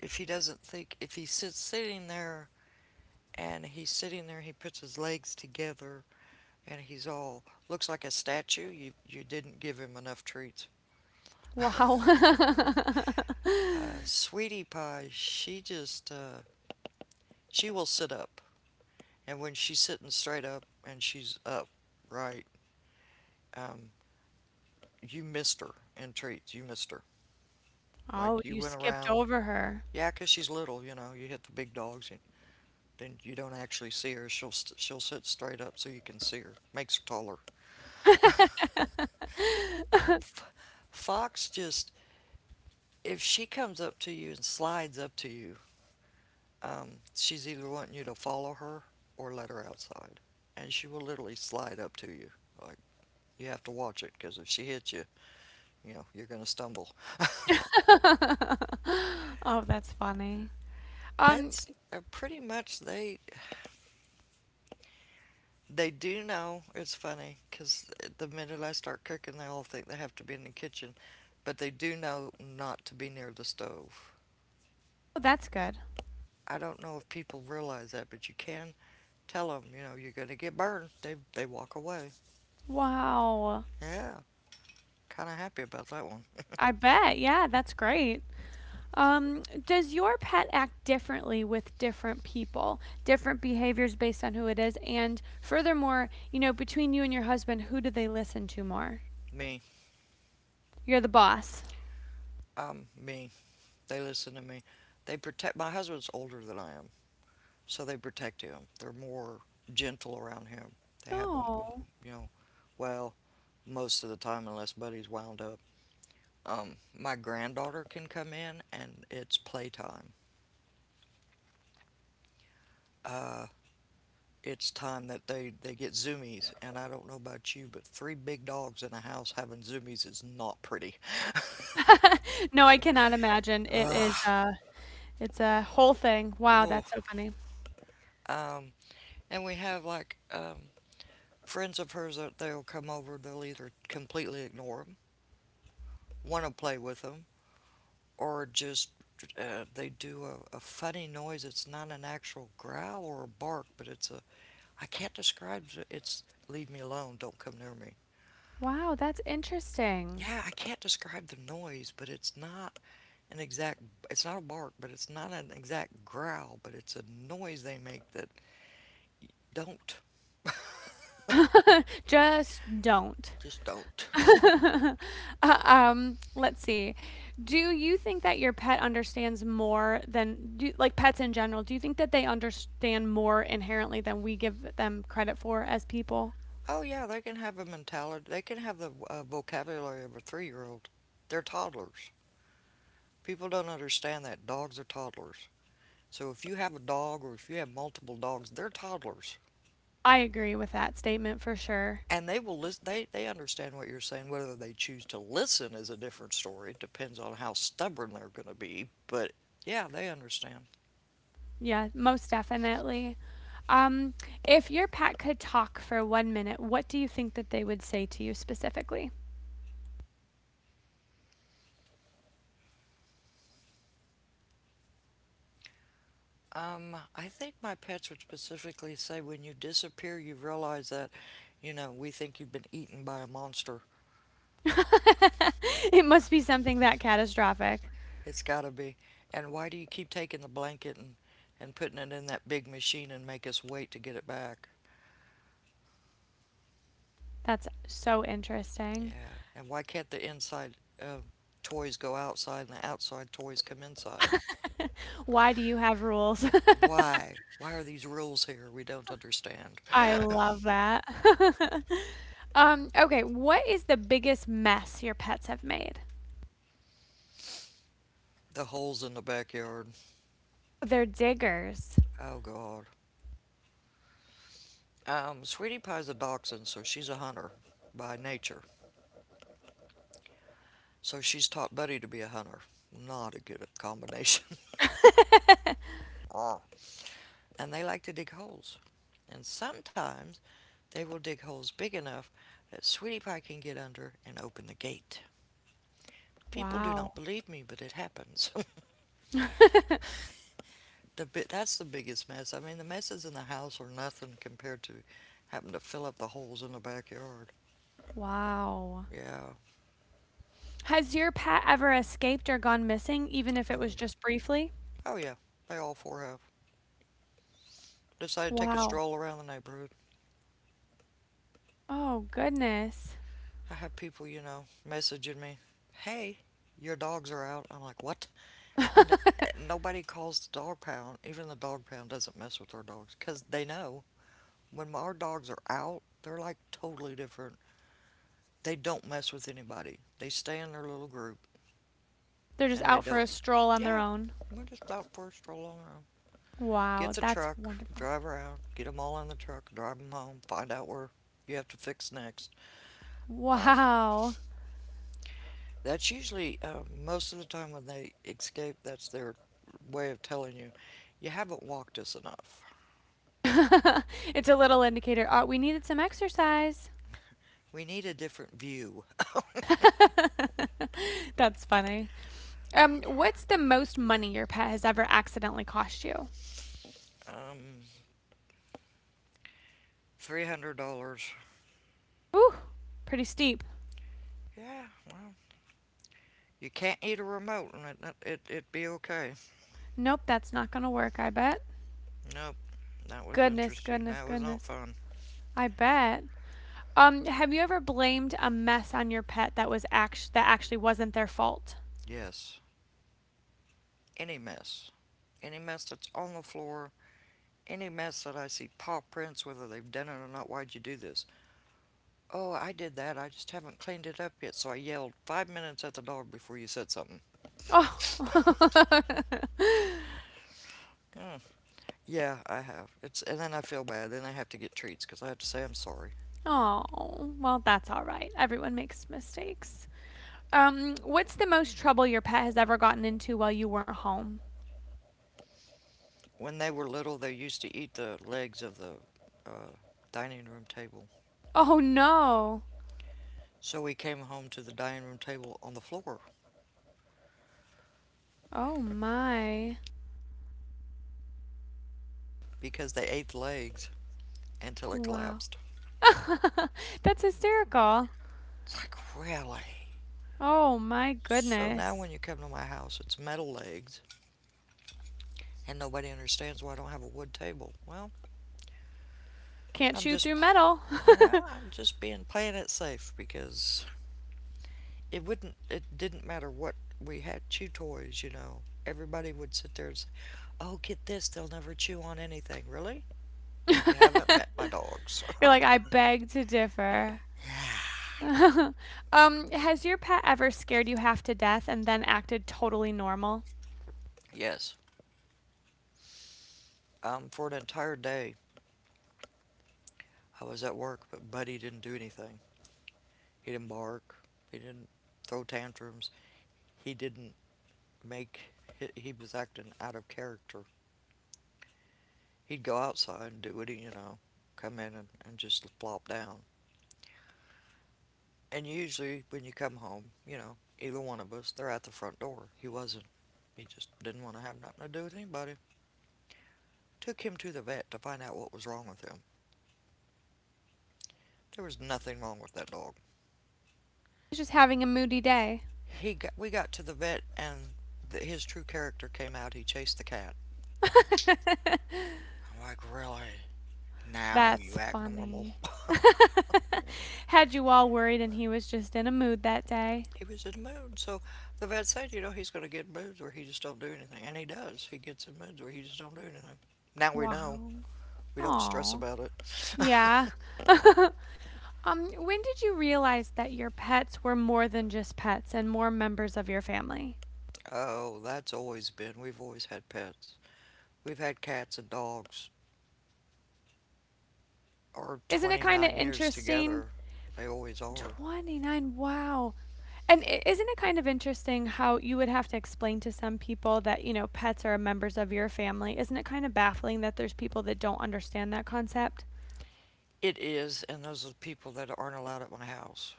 [SPEAKER 2] If he's sitting there, and he's sitting there, he puts his legs together, and he's all, looks like a statue, you didn't give him enough treats. uh,
[SPEAKER 1] Wow.
[SPEAKER 2] Sweetie Pie, she just, she will sit up, and when she's sitting straight up and she's up right um, you missed her in treats, you missed her,
[SPEAKER 1] Oh,
[SPEAKER 2] like you
[SPEAKER 1] you
[SPEAKER 2] went
[SPEAKER 1] skipped
[SPEAKER 2] around.
[SPEAKER 1] over her.
[SPEAKER 2] Yeah, 'cause she's little, you know, you hit the big dogs and then you don't actually see her. She'll sit straight up so you can see her, makes her taller. Uh, F- Fox just, if she comes up to you and slides up to you, um, she's either wanting you to follow her or let her outside. And she will literally slide up to you. Like, you have to watch it because if she hits you, you know, you're going to stumble.
[SPEAKER 1] Oh, that's funny. Um,
[SPEAKER 2] That's pretty much, they do know. It's funny because the minute I start cooking, they all think they have to be in the kitchen, but they do know not to be near the stove.
[SPEAKER 1] that's good.
[SPEAKER 2] I don't know if people realize that, but you can tell them, you know, you're gonna get burned. They walk away.
[SPEAKER 1] Wow.
[SPEAKER 2] Yeah, kind of happy about that one.
[SPEAKER 1] I bet. Yeah, that's great. Does your pet act differently with different people, different behaviors based on who it is? And furthermore, you know, between you and your husband, who do they listen to more?
[SPEAKER 2] Me,
[SPEAKER 1] You're the boss.
[SPEAKER 2] me. They listen to me. They protect. My husband's older than I am, so they protect him. They're more gentle around him. They have him,
[SPEAKER 1] Oh.
[SPEAKER 2] you know, well, most of the time, unless Buddy's wound up. My granddaughter can come in, and it's playtime. Uh, it's time that they get zoomies. And I don't know about you, but three big dogs in a house having zoomies is not pretty.
[SPEAKER 1] No, I cannot imagine. It is
[SPEAKER 2] Ugh.
[SPEAKER 1] it's a whole thing. Wow,
[SPEAKER 2] Ooh.
[SPEAKER 1] that's so funny.
[SPEAKER 2] Um, and we have like friends of hers that they'll come over. They'll either completely ignore them, want to play with them, or just they do a funny noise. It's not an actual growl or a bark, but it's a, I can't describe it. It's leave me alone, don't come near me.
[SPEAKER 1] Wow, that's interesting.
[SPEAKER 2] Yeah, I can't describe the noise, but it's not an exact, it's not a bark, but it's not an exact growl, but it's a noise they make that don't,
[SPEAKER 1] Just don't.
[SPEAKER 2] just don't.
[SPEAKER 1] Let's see. Do you think that your pet understands more than do, like pets in general? Do you think that they understand more inherently than we give them credit for as people?
[SPEAKER 2] Oh yeah, they can have a mentality, they can have the vocabulary of a three-year-old. They're toddlers. People don't understand that dogs are toddlers. So if you have a dog or if you have multiple dogs, they're toddlers.
[SPEAKER 1] I agree with that statement for sure.
[SPEAKER 2] And they will listen. They understand what you're saying. Whether they choose to listen is a different story. It depends on how stubborn they're going to be, but yeah, they understand.
[SPEAKER 1] Yeah, most definitely. Um, if your pet could talk for one minute, what do you think that they would say to you specifically?
[SPEAKER 2] I think my pets would specifically say, when you disappear, you realize that, you know, we think you've been eaten by a monster.
[SPEAKER 1] It must be something that catastrophic.
[SPEAKER 2] It's got to be, and why do you keep taking the blanket and putting it in that big machine and make us wait to get it back?
[SPEAKER 1] That's so interesting.
[SPEAKER 2] Yeah, and why can't the inside uh, toys go outside and the outside toys come inside?
[SPEAKER 1] Why do you have rules?
[SPEAKER 2] Why? Why are these rules here? We don't understand.
[SPEAKER 1] I love that. Okay, what is the biggest mess your pets have made?
[SPEAKER 2] The holes in the backyard.
[SPEAKER 1] They're diggers.
[SPEAKER 2] Oh, God. Sweetie Pie's a dachshund, so she's a hunter by nature. So she's taught Buddy to be a hunter. Not a good combination. And they like to dig holes. And sometimes they will dig holes big enough that Sweetie Pie can get under and open the gate. People do
[SPEAKER 1] Wow.
[SPEAKER 2] not believe me, but it happens. That's the biggest mess. I mean, the messes in the house are nothing compared to having to fill up the holes in the backyard.
[SPEAKER 1] Wow.
[SPEAKER 2] Yeah.
[SPEAKER 1] Has your pet ever escaped or gone missing, even if it
[SPEAKER 2] Oh
[SPEAKER 1] was
[SPEAKER 2] yeah.
[SPEAKER 1] just briefly?
[SPEAKER 2] Oh yeah. They all four have. Decided to take a
[SPEAKER 1] Wow.
[SPEAKER 2] stroll around the neighborhood.
[SPEAKER 1] Oh, goodness.
[SPEAKER 2] I have people, you know, messaging me, "Hey, your dogs are out." I'm like, "What?" And nobody calls the dog pound. Even the dog pound doesn't mess with our dogs because they know when our dogs are out, they're like totally different. They don't mess with anybody. They stay in their little group.
[SPEAKER 1] They're just
[SPEAKER 2] And they
[SPEAKER 1] out for a
[SPEAKER 2] don't.
[SPEAKER 1] stroll on their
[SPEAKER 2] Yeah,
[SPEAKER 1] own.
[SPEAKER 2] we're just out for a stroll on our own.
[SPEAKER 1] Wow,
[SPEAKER 2] Gets a
[SPEAKER 1] that's
[SPEAKER 2] truck,
[SPEAKER 1] wonderful.
[SPEAKER 2] drive around, get them all in the truck, drive them home, find out where you have to fix next. Um,
[SPEAKER 1] Wow.
[SPEAKER 2] that's usually most of the time when they escape. That's their way of telling you, you haven't walked us enough.
[SPEAKER 1] It's a little indicator. We needed some exercise.
[SPEAKER 2] We need a different view.
[SPEAKER 1] That's funny. What's the most money your pet has ever accidentally cost you?
[SPEAKER 2] um, $300.
[SPEAKER 1] Ooh, pretty steep.
[SPEAKER 2] Yeah, well, you can't eat a remote, and it'd be okay.
[SPEAKER 1] Nope, that's not gonna work, I bet.
[SPEAKER 2] Nope, that was
[SPEAKER 1] Goodness,
[SPEAKER 2] interesting.
[SPEAKER 1] goodness,
[SPEAKER 2] That was not
[SPEAKER 1] goodness.
[SPEAKER 2] fun.
[SPEAKER 1] I bet. Have you ever blamed a mess on your pet that actually wasn't their fault?
[SPEAKER 2] Yes, any mess. Any mess that's on the floor, any mess that I see paw prints, whether they've done it or not, why'd you do this? Oh, I did that. I just haven't cleaned it up yet. So I yelled 5 minutes at the dog before you said something.
[SPEAKER 1] Oh.
[SPEAKER 2] Yeah, I have. It's, and then I feel bad. Then I have to get treats because I have to say I'm sorry.
[SPEAKER 1] Oh, well, that's all right. Everyone makes mistakes. What's the most trouble your pet has ever gotten into while you weren't home?
[SPEAKER 2] When they were little, they used to eat the legs of the uh, dining room table.
[SPEAKER 1] Oh, no.
[SPEAKER 2] So we came home to the dining room table on the floor
[SPEAKER 1] Oh, my.
[SPEAKER 2] because they ate the legs until it
[SPEAKER 1] Wow.
[SPEAKER 2] collapsed.
[SPEAKER 1] That's hysterical.
[SPEAKER 2] It's like, really.
[SPEAKER 1] Oh, my
[SPEAKER 2] So now when
[SPEAKER 1] goodness.
[SPEAKER 2] you come to my house, it's metal legged, and nobody understands why I don't have a wood table. Well,
[SPEAKER 1] Can't
[SPEAKER 2] I'm
[SPEAKER 1] chew
[SPEAKER 2] just,
[SPEAKER 1] through metal.
[SPEAKER 2] you know, I'm just being playing it safe because it wouldn't, it didn't matter what we had chew toys, you know. Everybody would sit there and say, "Oh, get this! They'll never chew on anything." Really? You haven't met my dogs.
[SPEAKER 1] You're like, I beg to differ. Has your pet ever scared you half to death and then acted totally normal?
[SPEAKER 2] Yes. For an entire day, I was at work, but Buddy didn't do anything. He didn't bark. He didn't throw tantrums. He didn't make, he was acting out of character. He'd go outside and do what he, you know, come in and just flop down. And usually when you come home, you know, either one of us, they're at the front door. He wasn't. He just didn't want to have nothing to do with anybody. Took him to the vet to find out what was wrong with him. There was nothing wrong with that dog.
[SPEAKER 1] Just having a moody day.
[SPEAKER 2] We got to the vet and his true character came out. He chased the cat. I'm like, really? Now you
[SPEAKER 1] That's
[SPEAKER 2] act normal.
[SPEAKER 1] funny. Had you all worried and he was just in a mood that day?
[SPEAKER 2] He was in moods. So the vet said, you know, he's going to get moods where he just don't do anything, and he does. He gets in moods where he just don't do anything. Now we know.
[SPEAKER 1] Wow.
[SPEAKER 2] We don't stress
[SPEAKER 1] Oh,
[SPEAKER 2] about it.
[SPEAKER 1] yeah. When did you realize that your pets were more than just pets and more members of your family?
[SPEAKER 2] Oh, that's always been. We've always had pets. We've had cats and dogs. Our
[SPEAKER 1] Isn't it kind of
[SPEAKER 2] 29 years
[SPEAKER 1] interesting?
[SPEAKER 2] together, they always are.
[SPEAKER 1] 29, wow. And isn't it kind of interesting how you would have to explain to some people that, you know, pets are members of your family? Isn't it kind of baffling that there's people that don't understand that concept?
[SPEAKER 2] It is, and those are the people that aren't allowed at my house.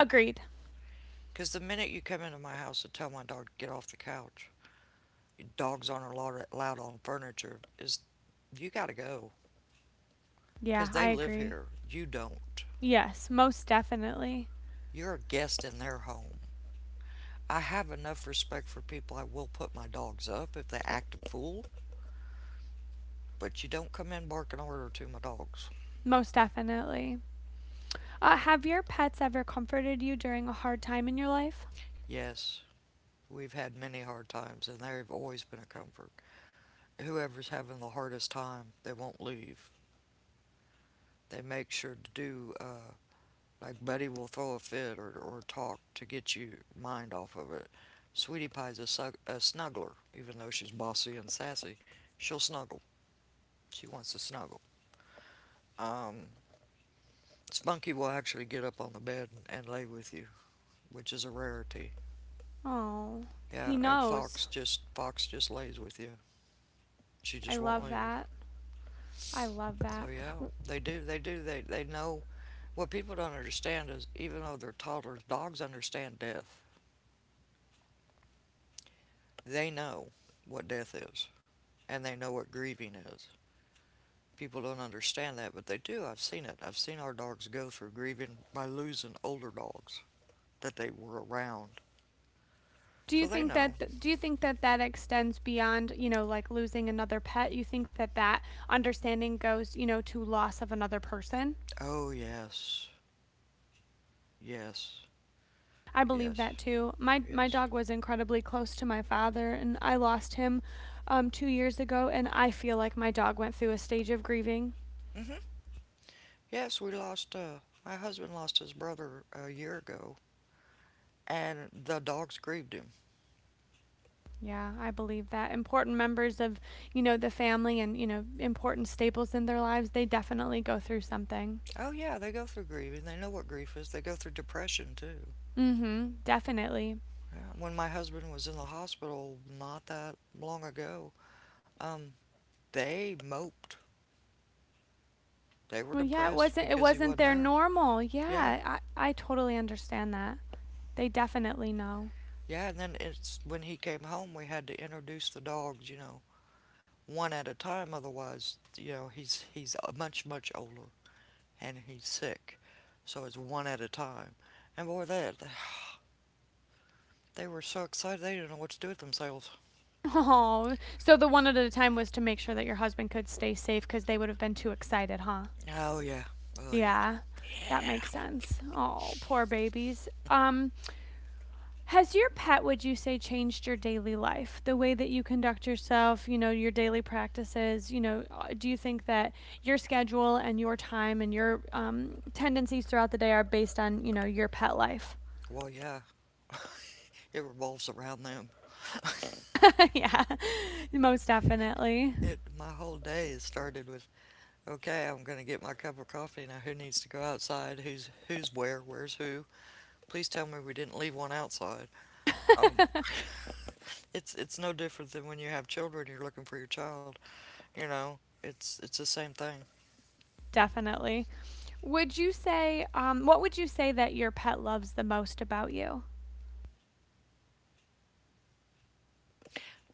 [SPEAKER 1] Agreed.
[SPEAKER 2] Because the minute you come into my house and tell my dog to get off the couch, dogs aren't allowed, allowed on furniture, is you got to go.
[SPEAKER 1] Yeah,
[SPEAKER 2] Because they
[SPEAKER 1] I
[SPEAKER 2] live
[SPEAKER 1] agree.
[SPEAKER 2] here. You don't.
[SPEAKER 1] Yes, most definitely.
[SPEAKER 2] You're a guest in their home. I have enough respect for people. I will put my dogs up if they act a fool, but you don't come in barking order to my dogs.
[SPEAKER 1] Most definitely. Have your pets ever comforted you during a hard time in your life?
[SPEAKER 2] Yes, we've had many hard times, and they've always been a comfort. Whoever's having the hardest time, they won't leave. They make sure to do, like Buddy will throw a fit or talk to get your mind off of it. Sweetie Pie's a snuggler, even though she's bossy and sassy. She'll snuggle. She wants to snuggle. Um, Spunky will actually get up on the bed and lay with you, which is a rarity.
[SPEAKER 1] Oh, he
[SPEAKER 2] Yeah, and
[SPEAKER 1] knows.
[SPEAKER 2] Fox just lays with you. She
[SPEAKER 1] I
[SPEAKER 2] just won't
[SPEAKER 1] love
[SPEAKER 2] leave.
[SPEAKER 1] that. I love
[SPEAKER 2] So
[SPEAKER 1] that.
[SPEAKER 2] yeah, they do. They do. They know. What people don't understand is even though they're toddlers, dogs understand death. They know what death is, and they know what grieving is. People don't understand that, but they do. I've seen it. I've seen our dogs go through grieving by losing older dogs that they were around.
[SPEAKER 1] Do
[SPEAKER 2] So
[SPEAKER 1] you
[SPEAKER 2] they
[SPEAKER 1] think
[SPEAKER 2] know.
[SPEAKER 1] that that extends beyond, you know, like losing another pet? You think that that understanding goes, you know, to loss of another person?
[SPEAKER 2] Oh yes, yes,
[SPEAKER 1] I believe
[SPEAKER 2] yes,
[SPEAKER 1] that too. My
[SPEAKER 2] yes,
[SPEAKER 1] dog was incredibly close to my father, and I lost him 2 years ago, and I feel like my dog went through a stage of grieving.
[SPEAKER 2] yes. We lost. My husband lost his brother a year ago, and the dogs grieved him.
[SPEAKER 1] Yeah, I believe that. Important members of, you know, the family and, you know, important staples in their lives, they definitely go through something.
[SPEAKER 2] Oh yeah, they go through grieving. They know what grief is. They go through depression too.
[SPEAKER 1] Mm-hmm, definitely.
[SPEAKER 2] Yeah. When my husband was in the hospital not that long ago, um, they moped. They were
[SPEAKER 1] Well, yeah, it
[SPEAKER 2] depressed
[SPEAKER 1] wasn't it
[SPEAKER 2] because he
[SPEAKER 1] wasn't
[SPEAKER 2] wasn't
[SPEAKER 1] their
[SPEAKER 2] there.
[SPEAKER 1] normal.
[SPEAKER 2] Yeah,
[SPEAKER 1] Yeah, I totally understand that. They definitely know.
[SPEAKER 2] yeah. And then it's when he came home, we had to introduce the dogs. You know, one at a time. Otherwise, you know, he's much much older and he's sick, so it's one at a time. And boy, that they were so excited they didn't know what to do with themselves.
[SPEAKER 1] Oh, so the one at a time was to make sure that your husband could stay safe because they would have been too excited, huh?
[SPEAKER 2] Oh yeah, oh yeah,
[SPEAKER 1] Yeah, that makes
[SPEAKER 2] yeah.
[SPEAKER 1] sense. Oh, poor babies. Has your pet, would you say, changed your daily life? The way that you conduct yourself, you know, your daily practices, you know, do you think that your schedule and your time and your tendencies throughout the day are based on, you know, your pet life?
[SPEAKER 2] Well, yeah, it revolves around them.
[SPEAKER 1] Yeah, most definitely.
[SPEAKER 2] It, my whole day is started with, okay, I'm gonna get my cup of coffee now. Who needs to go outside? Who's where? Where's who? Please tell me we didn't leave one outside. Oh. It's no different than when you have children. You're looking for your child. You know, it's the same thing.
[SPEAKER 1] Definitely. Would you say, what would you say that your pet loves the most about you?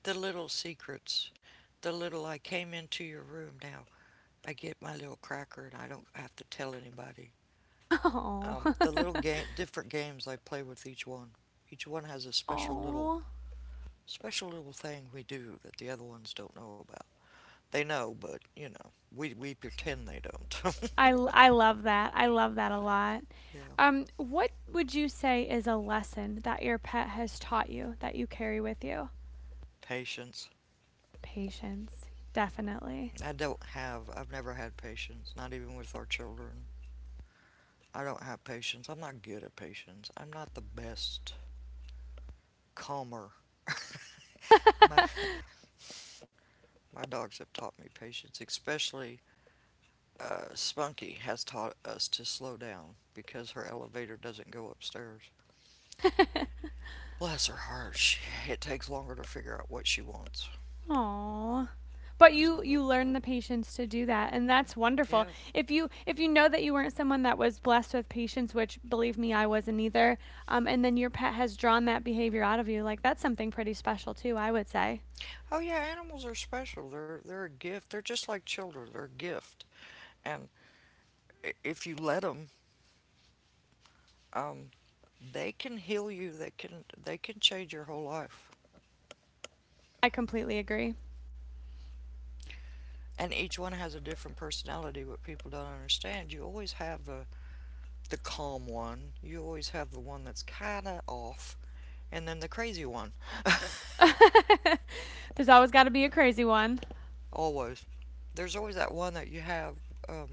[SPEAKER 2] The little secrets, the little, I came into your room now, I get my little cracker and I don't have to tell anybody.
[SPEAKER 1] Oh.
[SPEAKER 2] The little game, different games I play with each one. Each one has a special little,
[SPEAKER 1] Oh.
[SPEAKER 2] special little thing we do that the other ones don't know about. They know, but you know, we pretend they don't.
[SPEAKER 1] I, I love that. I love that a lot.
[SPEAKER 2] Yeah,
[SPEAKER 1] What would you say is a lesson that your pet has taught you that you carry with you?
[SPEAKER 2] patience.
[SPEAKER 1] Patience, definitely.
[SPEAKER 2] I don't have, I've never had patience, not even with our children. I don't have patience. I'm not good at patience. I'm not the best calmer. my my dogs have taught me patience, especially Spunky has taught us to slow down because her elevator doesn't go upstairs. Bless her heart, she, it takes longer to figure out what she wants.
[SPEAKER 1] Aww. But
[SPEAKER 2] So
[SPEAKER 1] you learn the patience to do that, and that's wonderful.
[SPEAKER 2] yeah.
[SPEAKER 1] If you know that you weren't someone that was blessed with patience, which believe me, I wasn't either, and then your pet has drawn that behavior out of you, like that's something pretty special too. I would say.
[SPEAKER 2] Oh yeah, animals are special. They're a gift. They're just like children. They're a gift, and if you let them, um, they can heal you. They can change your whole life.
[SPEAKER 1] I completely agree.
[SPEAKER 2] And each one has a different personality. What people don't understand, you always have the calm one, you always have the one that's kind of off, and then the crazy one.
[SPEAKER 1] There's always got to be a crazy one.
[SPEAKER 2] Always, there's always that one that you have. um,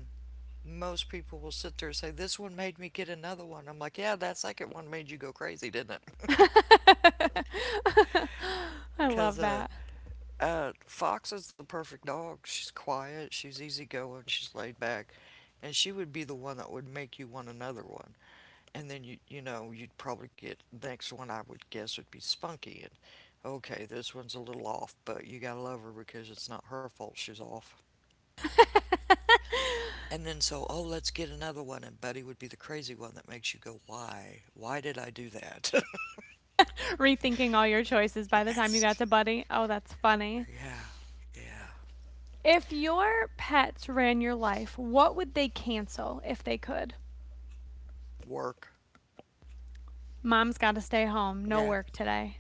[SPEAKER 2] Most people will sit there and say, this one made me get another one. I'm like, yeah, that second one made you go crazy, didn't it?
[SPEAKER 1] I
[SPEAKER 2] Because
[SPEAKER 1] love that.
[SPEAKER 2] Fox is the perfect dog. She's quiet, she's easygoing, she's laid back, and she would be the one that would make you want another one. And then, you know, you'd probably get the next one. I would guess would be Spunky, and okay, this one's a little off, but you gotta love her because it's not her fault she's off. And then so, oh, let's get another one, and Buddy would be the crazy one that makes you go, why did I do that?
[SPEAKER 1] Rethinking all your choices by the time you got
[SPEAKER 2] Yes.
[SPEAKER 1] to Buddy. Oh, that's funny.
[SPEAKER 2] Yeah. Yeah.
[SPEAKER 1] If your pets ran your life, what would they cancel if they could?
[SPEAKER 2] Work.
[SPEAKER 1] Mom's got to stay home. No
[SPEAKER 2] Yeah,
[SPEAKER 1] work today.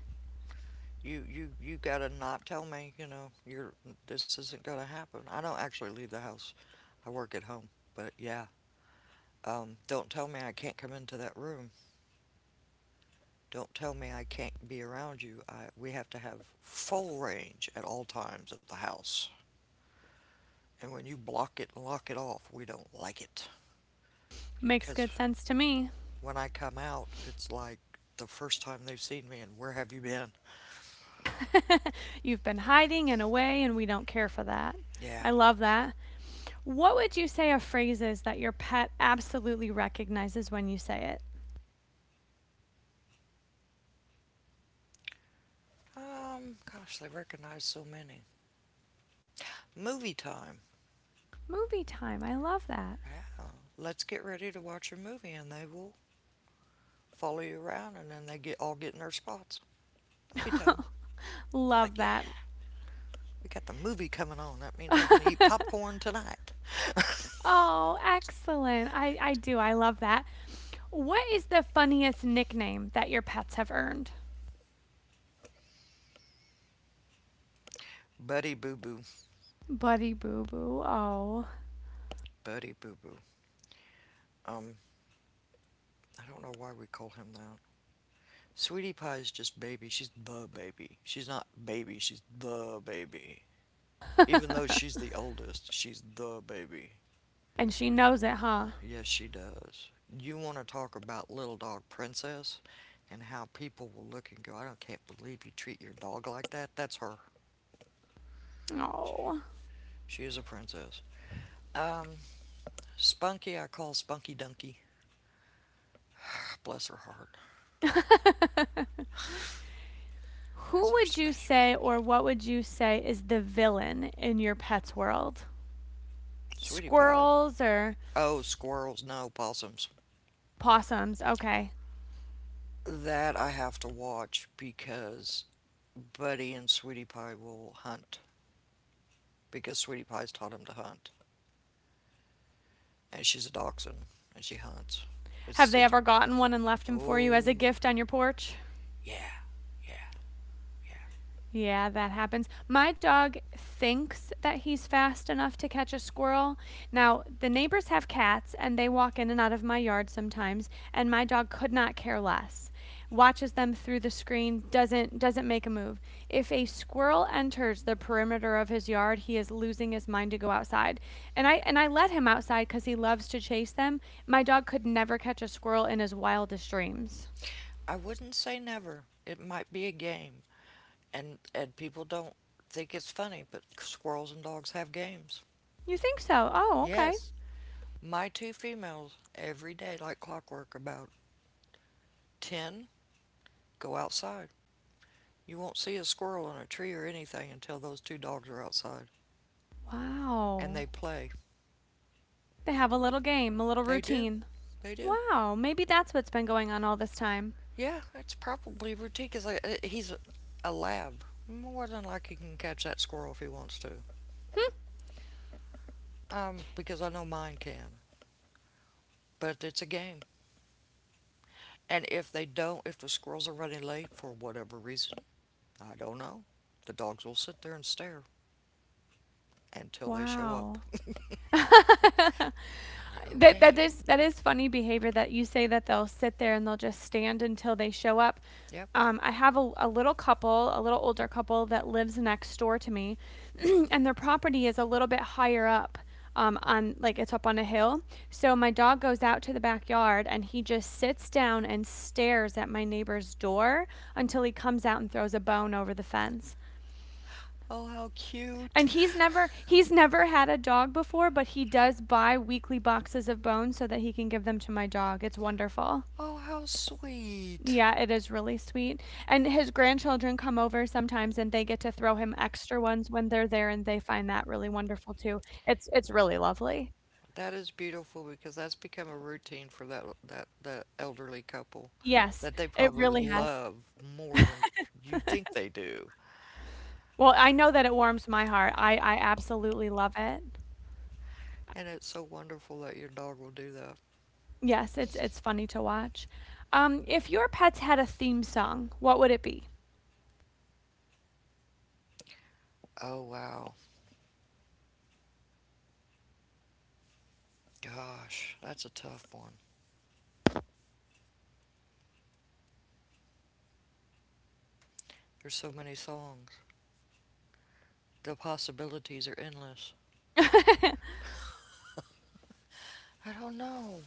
[SPEAKER 2] you gotta not tell me. You're this isn't gonna happen. I don't actually leave the house. I work at home. But yeah, don't tell me I can't come into that room. Don't tell me I can't be around you. I, we have to have full range at all times of the house. And when you block it and lock it off, we don't like it.
[SPEAKER 1] Makes
[SPEAKER 2] Because
[SPEAKER 1] good sense to me.
[SPEAKER 2] when I come out, it's like the first time they've seen me. And where have you been?
[SPEAKER 1] You've been hiding and away, and we don't care for that.
[SPEAKER 2] Yeah.
[SPEAKER 1] I love that. What would you say are phrases that your pet absolutely recognizes when you say it?
[SPEAKER 2] Gosh, they recognize so many. Movie time.
[SPEAKER 1] Movie time. I love that.
[SPEAKER 2] Yeah. Let's get ready to watch a movie, and they will follow you around, and then they get, all get in their spots. Movie time. They're
[SPEAKER 1] Love
[SPEAKER 2] like, yeah,
[SPEAKER 1] that.
[SPEAKER 2] we got the movie coming on. That means we're going to eat popcorn tonight.
[SPEAKER 1] Oh, excellent. I do. I love that. What is the funniest nickname that your pets have earned?
[SPEAKER 2] Buddy Boo Boo.
[SPEAKER 1] Buddy Boo Boo. Oh.
[SPEAKER 2] Buddy Boo Boo. Um, I don't know why we call him that. Sweetie Pie is just Baby. She's the baby. She's not Baby, she's the baby. Even though she's the oldest, she's the baby.
[SPEAKER 1] And she knows it, huh?
[SPEAKER 2] Yes, she does. You want to talk about Little Dog Princess, and how people will look and go, I don't, can't believe you treat your dog like that. That's her.
[SPEAKER 1] Oh.
[SPEAKER 2] She is a princess. Um, Spunky, I call Spunky Dunky. Bless her heart.
[SPEAKER 1] Who
[SPEAKER 2] That's our
[SPEAKER 1] would you
[SPEAKER 2] special
[SPEAKER 1] say,
[SPEAKER 2] baby.
[SPEAKER 1] or what would you say, is the villain in your pet's world?
[SPEAKER 2] Sweetie Pie.
[SPEAKER 1] Squirrels or
[SPEAKER 2] Oh, squirrels, no, possums.
[SPEAKER 1] possums? Okay.
[SPEAKER 2] That I have to watch, because Buddy and Sweetie Pie will hunt, because Sweetie Pie's taught him to hunt, and she's a dachshund, and she hunts.
[SPEAKER 1] Have
[SPEAKER 2] It's
[SPEAKER 1] they
[SPEAKER 2] it's
[SPEAKER 1] ever gotten one and left him for you as
[SPEAKER 2] oh
[SPEAKER 1] a gift on your porch?
[SPEAKER 2] yeah, yeah, yeah.
[SPEAKER 1] Yeah, that happens. My dog thinks that he's fast enough to catch a squirrel. Now, the neighbors have cats and they walk in and out of my yard sometimes, and my dog could not care less. Watches them through the screen, doesn't make a move. If a squirrel enters the perimeter of his yard, he is losing his mind to go outside. And I let him outside cuz he loves to chase them. My dog could never catch a squirrel in his wildest dreams.
[SPEAKER 2] I wouldn't say never. It might be a game, and people don't think it's funny, but squirrels and dogs have games.
[SPEAKER 1] You think so? Oh, okay.
[SPEAKER 2] Yes, my two females every day, like clockwork, about 10, go outside. You won't see a squirrel on a tree or anything until those two dogs are outside. And
[SPEAKER 1] Wow.
[SPEAKER 2] they play.
[SPEAKER 1] They have a little game, a little
[SPEAKER 2] They do.
[SPEAKER 1] routine.
[SPEAKER 2] They do.
[SPEAKER 1] Wow, maybe that's what's been going on all this time.
[SPEAKER 2] Yeah, it's probably routine. Because he's a, lab. More than likely, he can catch that squirrel if he wants to. Because I know mine can. But it's a game. And if they don't, if the squirrels are running late for whatever reason, I don't know, the dogs will sit there and stare until they show up.
[SPEAKER 1] Wow. that
[SPEAKER 2] I'm like,
[SPEAKER 1] that
[SPEAKER 2] okay.
[SPEAKER 1] is that is funny behavior that you say that they'll sit there and they'll just stand until they show up.
[SPEAKER 2] Yep.
[SPEAKER 1] I have a little couple, a little older couple that lives next door to me, and their property is a little bit higher up. On like it's up on a hill. So my dog goes out to the backyard and he just sits down and stares at my neighbor's door until he comes out and throws a bone over the fence.
[SPEAKER 2] Oh, how cute.
[SPEAKER 1] And he's never had a dog before, but he does buy weekly boxes of bones so that he can give them to my dog. It's wonderful.
[SPEAKER 2] Oh, how sweet.
[SPEAKER 1] Yeah, it is really sweet. And his grandchildren come over sometimes and they get to throw him extra ones when they're there and they find that really wonderful too. It's really lovely.
[SPEAKER 2] That is beautiful, because that's become a routine for that elderly couple,
[SPEAKER 1] Yes,
[SPEAKER 2] that they
[SPEAKER 1] it
[SPEAKER 2] probably
[SPEAKER 1] really has.
[SPEAKER 2] love more than you think they do.
[SPEAKER 1] Well, I know that it warms my heart. I absolutely love it.
[SPEAKER 2] And it's so wonderful that your dog will do that.
[SPEAKER 1] Yes, it's funny to watch. If your pets had a theme song, what would it be?
[SPEAKER 2] Oh wow. Gosh, that's a tough one. There's so many songs. The possibilities are endless. I don't know.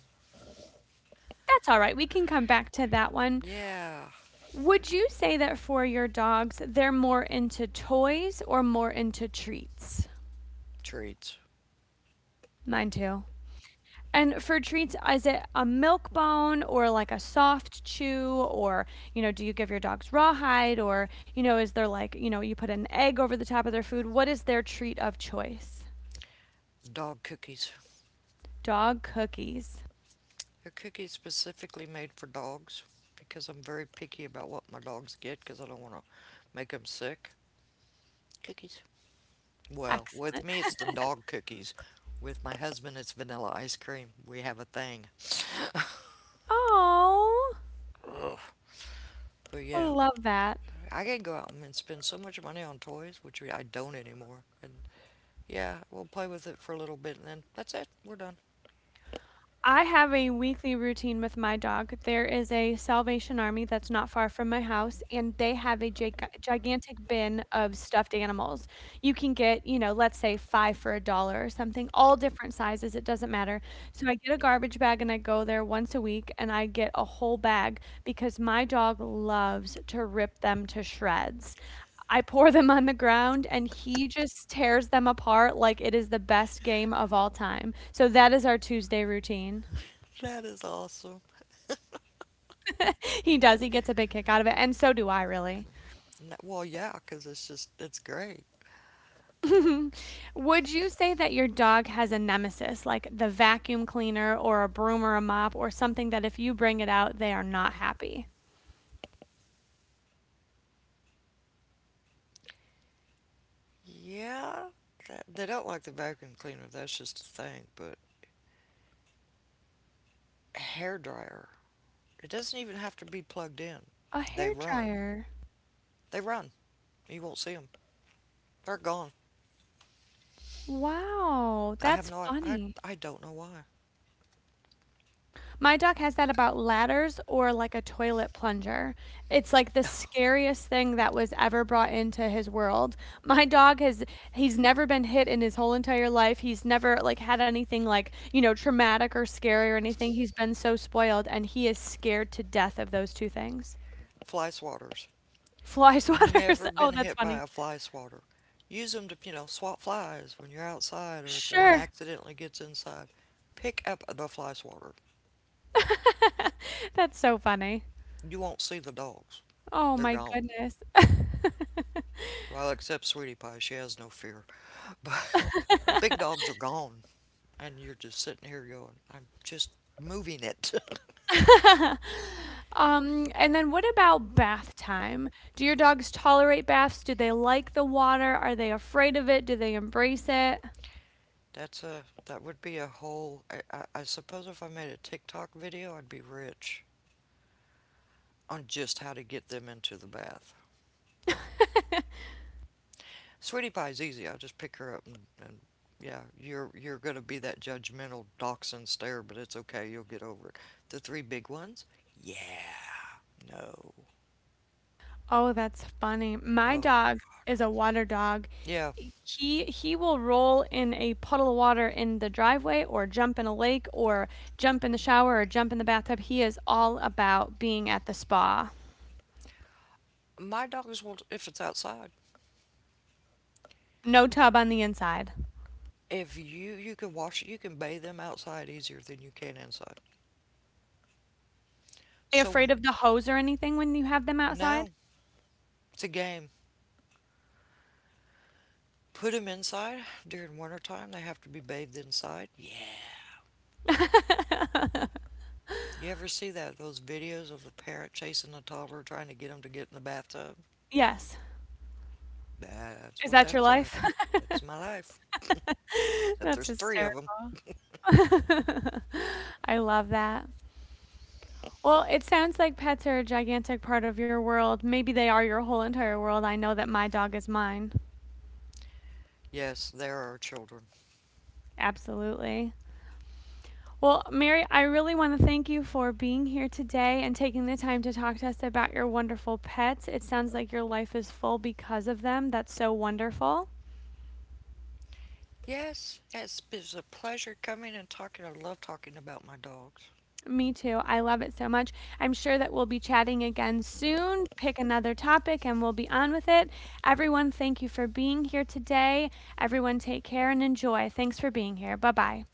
[SPEAKER 1] That's all right. We can come back to that one.
[SPEAKER 2] Yeah.
[SPEAKER 1] Would you say that for your dogs, they're more into toys or more into treats?
[SPEAKER 2] Treats.
[SPEAKER 1] Mine too. And for treats, is it a milk bone or like a soft chew? Or, you know, do you give your dogs rawhide? Or, you know, is there like, you know, you put an egg over the top of their food? What is their treat of choice?
[SPEAKER 2] Dog cookies.
[SPEAKER 1] Dog cookies.
[SPEAKER 2] They're cookies specifically made for dogs, because I'm very picky about what my dogs get, because I don't want to make them sick. Cookies. Well, with
[SPEAKER 1] Excellent.
[SPEAKER 2] me it's the dog cookies. With my husband it's vanilla ice cream. We have a thing.
[SPEAKER 1] Oh,
[SPEAKER 2] Ugh. But yeah,
[SPEAKER 1] love that.
[SPEAKER 2] I can go out and spend so much money on toys, which I don't anymore. And yeah, we'll play with it for a little bit, and then that's it. We're done.
[SPEAKER 1] I have a weekly routine with my dog. There is a Salvation Army that's not far from my house, and they have a gigantic bin of stuffed animals. You can get, you know, let's say five for a dollar or something, all different sizes. It doesn't matter. So I get a garbage bag and I go there once a week and I get a whole bag because my dog loves to rip them to shreds. I pour them on the ground, and he just tears them apart like it is the best game of all time. So that is our Tuesday routine.
[SPEAKER 2] That is awesome.
[SPEAKER 1] He does, he gets a big kick out of it, and so do I, really.
[SPEAKER 2] Well, yeah, because it's just, it's great.
[SPEAKER 1] Would you say that your dog has a nemesis, like the vacuum cleaner or a broom or a mop or something that if you bring it out, they are not happy?
[SPEAKER 2] Yeah, that, they don't like the vacuum cleaner. That's just a thing. But hair dryer, it doesn't even have to be plugged in.
[SPEAKER 1] A
[SPEAKER 2] They run.
[SPEAKER 1] hairdryer.
[SPEAKER 2] They run. You won't see them. They're gone.
[SPEAKER 1] Wow,
[SPEAKER 2] I have
[SPEAKER 1] that's
[SPEAKER 2] no,
[SPEAKER 1] funny.
[SPEAKER 2] I don't know why.
[SPEAKER 1] My doc has that about ladders or like a toilet plunger. It's like the scariest thing that was ever brought into his world. My dog has He's never been hit in his whole entire life. He's never like had anything like, you know, traumatic or scary or anything. He's been so spoiled and he is scared to death of those 2 things.
[SPEAKER 2] Fly swatters.
[SPEAKER 1] Fly swatters.
[SPEAKER 2] Never
[SPEAKER 1] Oh,
[SPEAKER 2] been
[SPEAKER 1] that's
[SPEAKER 2] hit by
[SPEAKER 1] funny.
[SPEAKER 2] a fly swatter. Use them to, you know, swat flies when you're outside or if one
[SPEAKER 1] Sure.
[SPEAKER 2] accidentally gets inside. Pick up the fly swatter.
[SPEAKER 1] That's so funny.
[SPEAKER 2] You won't see the dogs.
[SPEAKER 1] Oh
[SPEAKER 2] They're
[SPEAKER 1] my
[SPEAKER 2] gone.
[SPEAKER 1] goodness.
[SPEAKER 2] Well, except Sweetie Pie. She has no fear. But the big dogs are gone. And you're just sitting here going, I'm just moving it.
[SPEAKER 1] And then what about bath time? Do your dogs tolerate baths? Do they like the water? Are they afraid of it? Do they embrace it?
[SPEAKER 2] That's a, that would be a whole, I suppose if I made a TikTok video, I'd be rich. On just how to get them into the bath. Sweetie Pie's easy. I just pick her up and yeah, you're gonna be that judgmental dachshund stare, but it's okay. You'll get over it. The three big ones. Yeah. No.
[SPEAKER 1] Oh, that's funny. My
[SPEAKER 2] Oh my
[SPEAKER 1] dog
[SPEAKER 2] God.
[SPEAKER 1] is a water dog.
[SPEAKER 2] Yeah.
[SPEAKER 1] He will roll in a puddle of water in the driveway or jump in a lake or jump in the shower or jump in the bathtub. He is all about being at the spa.
[SPEAKER 2] My dogs will if it's outside.
[SPEAKER 1] No tub on the inside. Are
[SPEAKER 2] If you, you can wash you can bathe them outside easier than you can inside.
[SPEAKER 1] they
[SPEAKER 2] So
[SPEAKER 1] afraid of the hose or anything when you have them outside?
[SPEAKER 2] no, it's a game. Put them inside during winter time. They have to be bathed inside. Yeah. You ever see that those videos of the parent chasing the toddler trying to get them to get in the bathtub?
[SPEAKER 1] Yes.
[SPEAKER 2] That's
[SPEAKER 1] Is
[SPEAKER 2] what
[SPEAKER 1] that your
[SPEAKER 2] that's like.
[SPEAKER 1] life?
[SPEAKER 2] That's my life. Except
[SPEAKER 1] That's
[SPEAKER 2] there's three of them.
[SPEAKER 1] hysterical. I love that. Well, it sounds like pets are a gigantic part of your world. Maybe they are your whole entire world. I know that my dog is mine.
[SPEAKER 2] Yes, there are children.
[SPEAKER 1] Absolutely. Well, Mary, I really want to thank you for being here today and taking the time to talk to us about your wonderful pets. It sounds like your life is full because of them. That's so wonderful.
[SPEAKER 2] Yes, it's a pleasure coming and talking. I love talking about my dogs.
[SPEAKER 1] Me too. I love it so much. I'm sure that we'll be chatting again soon. Pick another topic and we'll be on with it. Everyone, thank you for being here today. Everyone, take care and enjoy. Thanks for being here. Bye bye.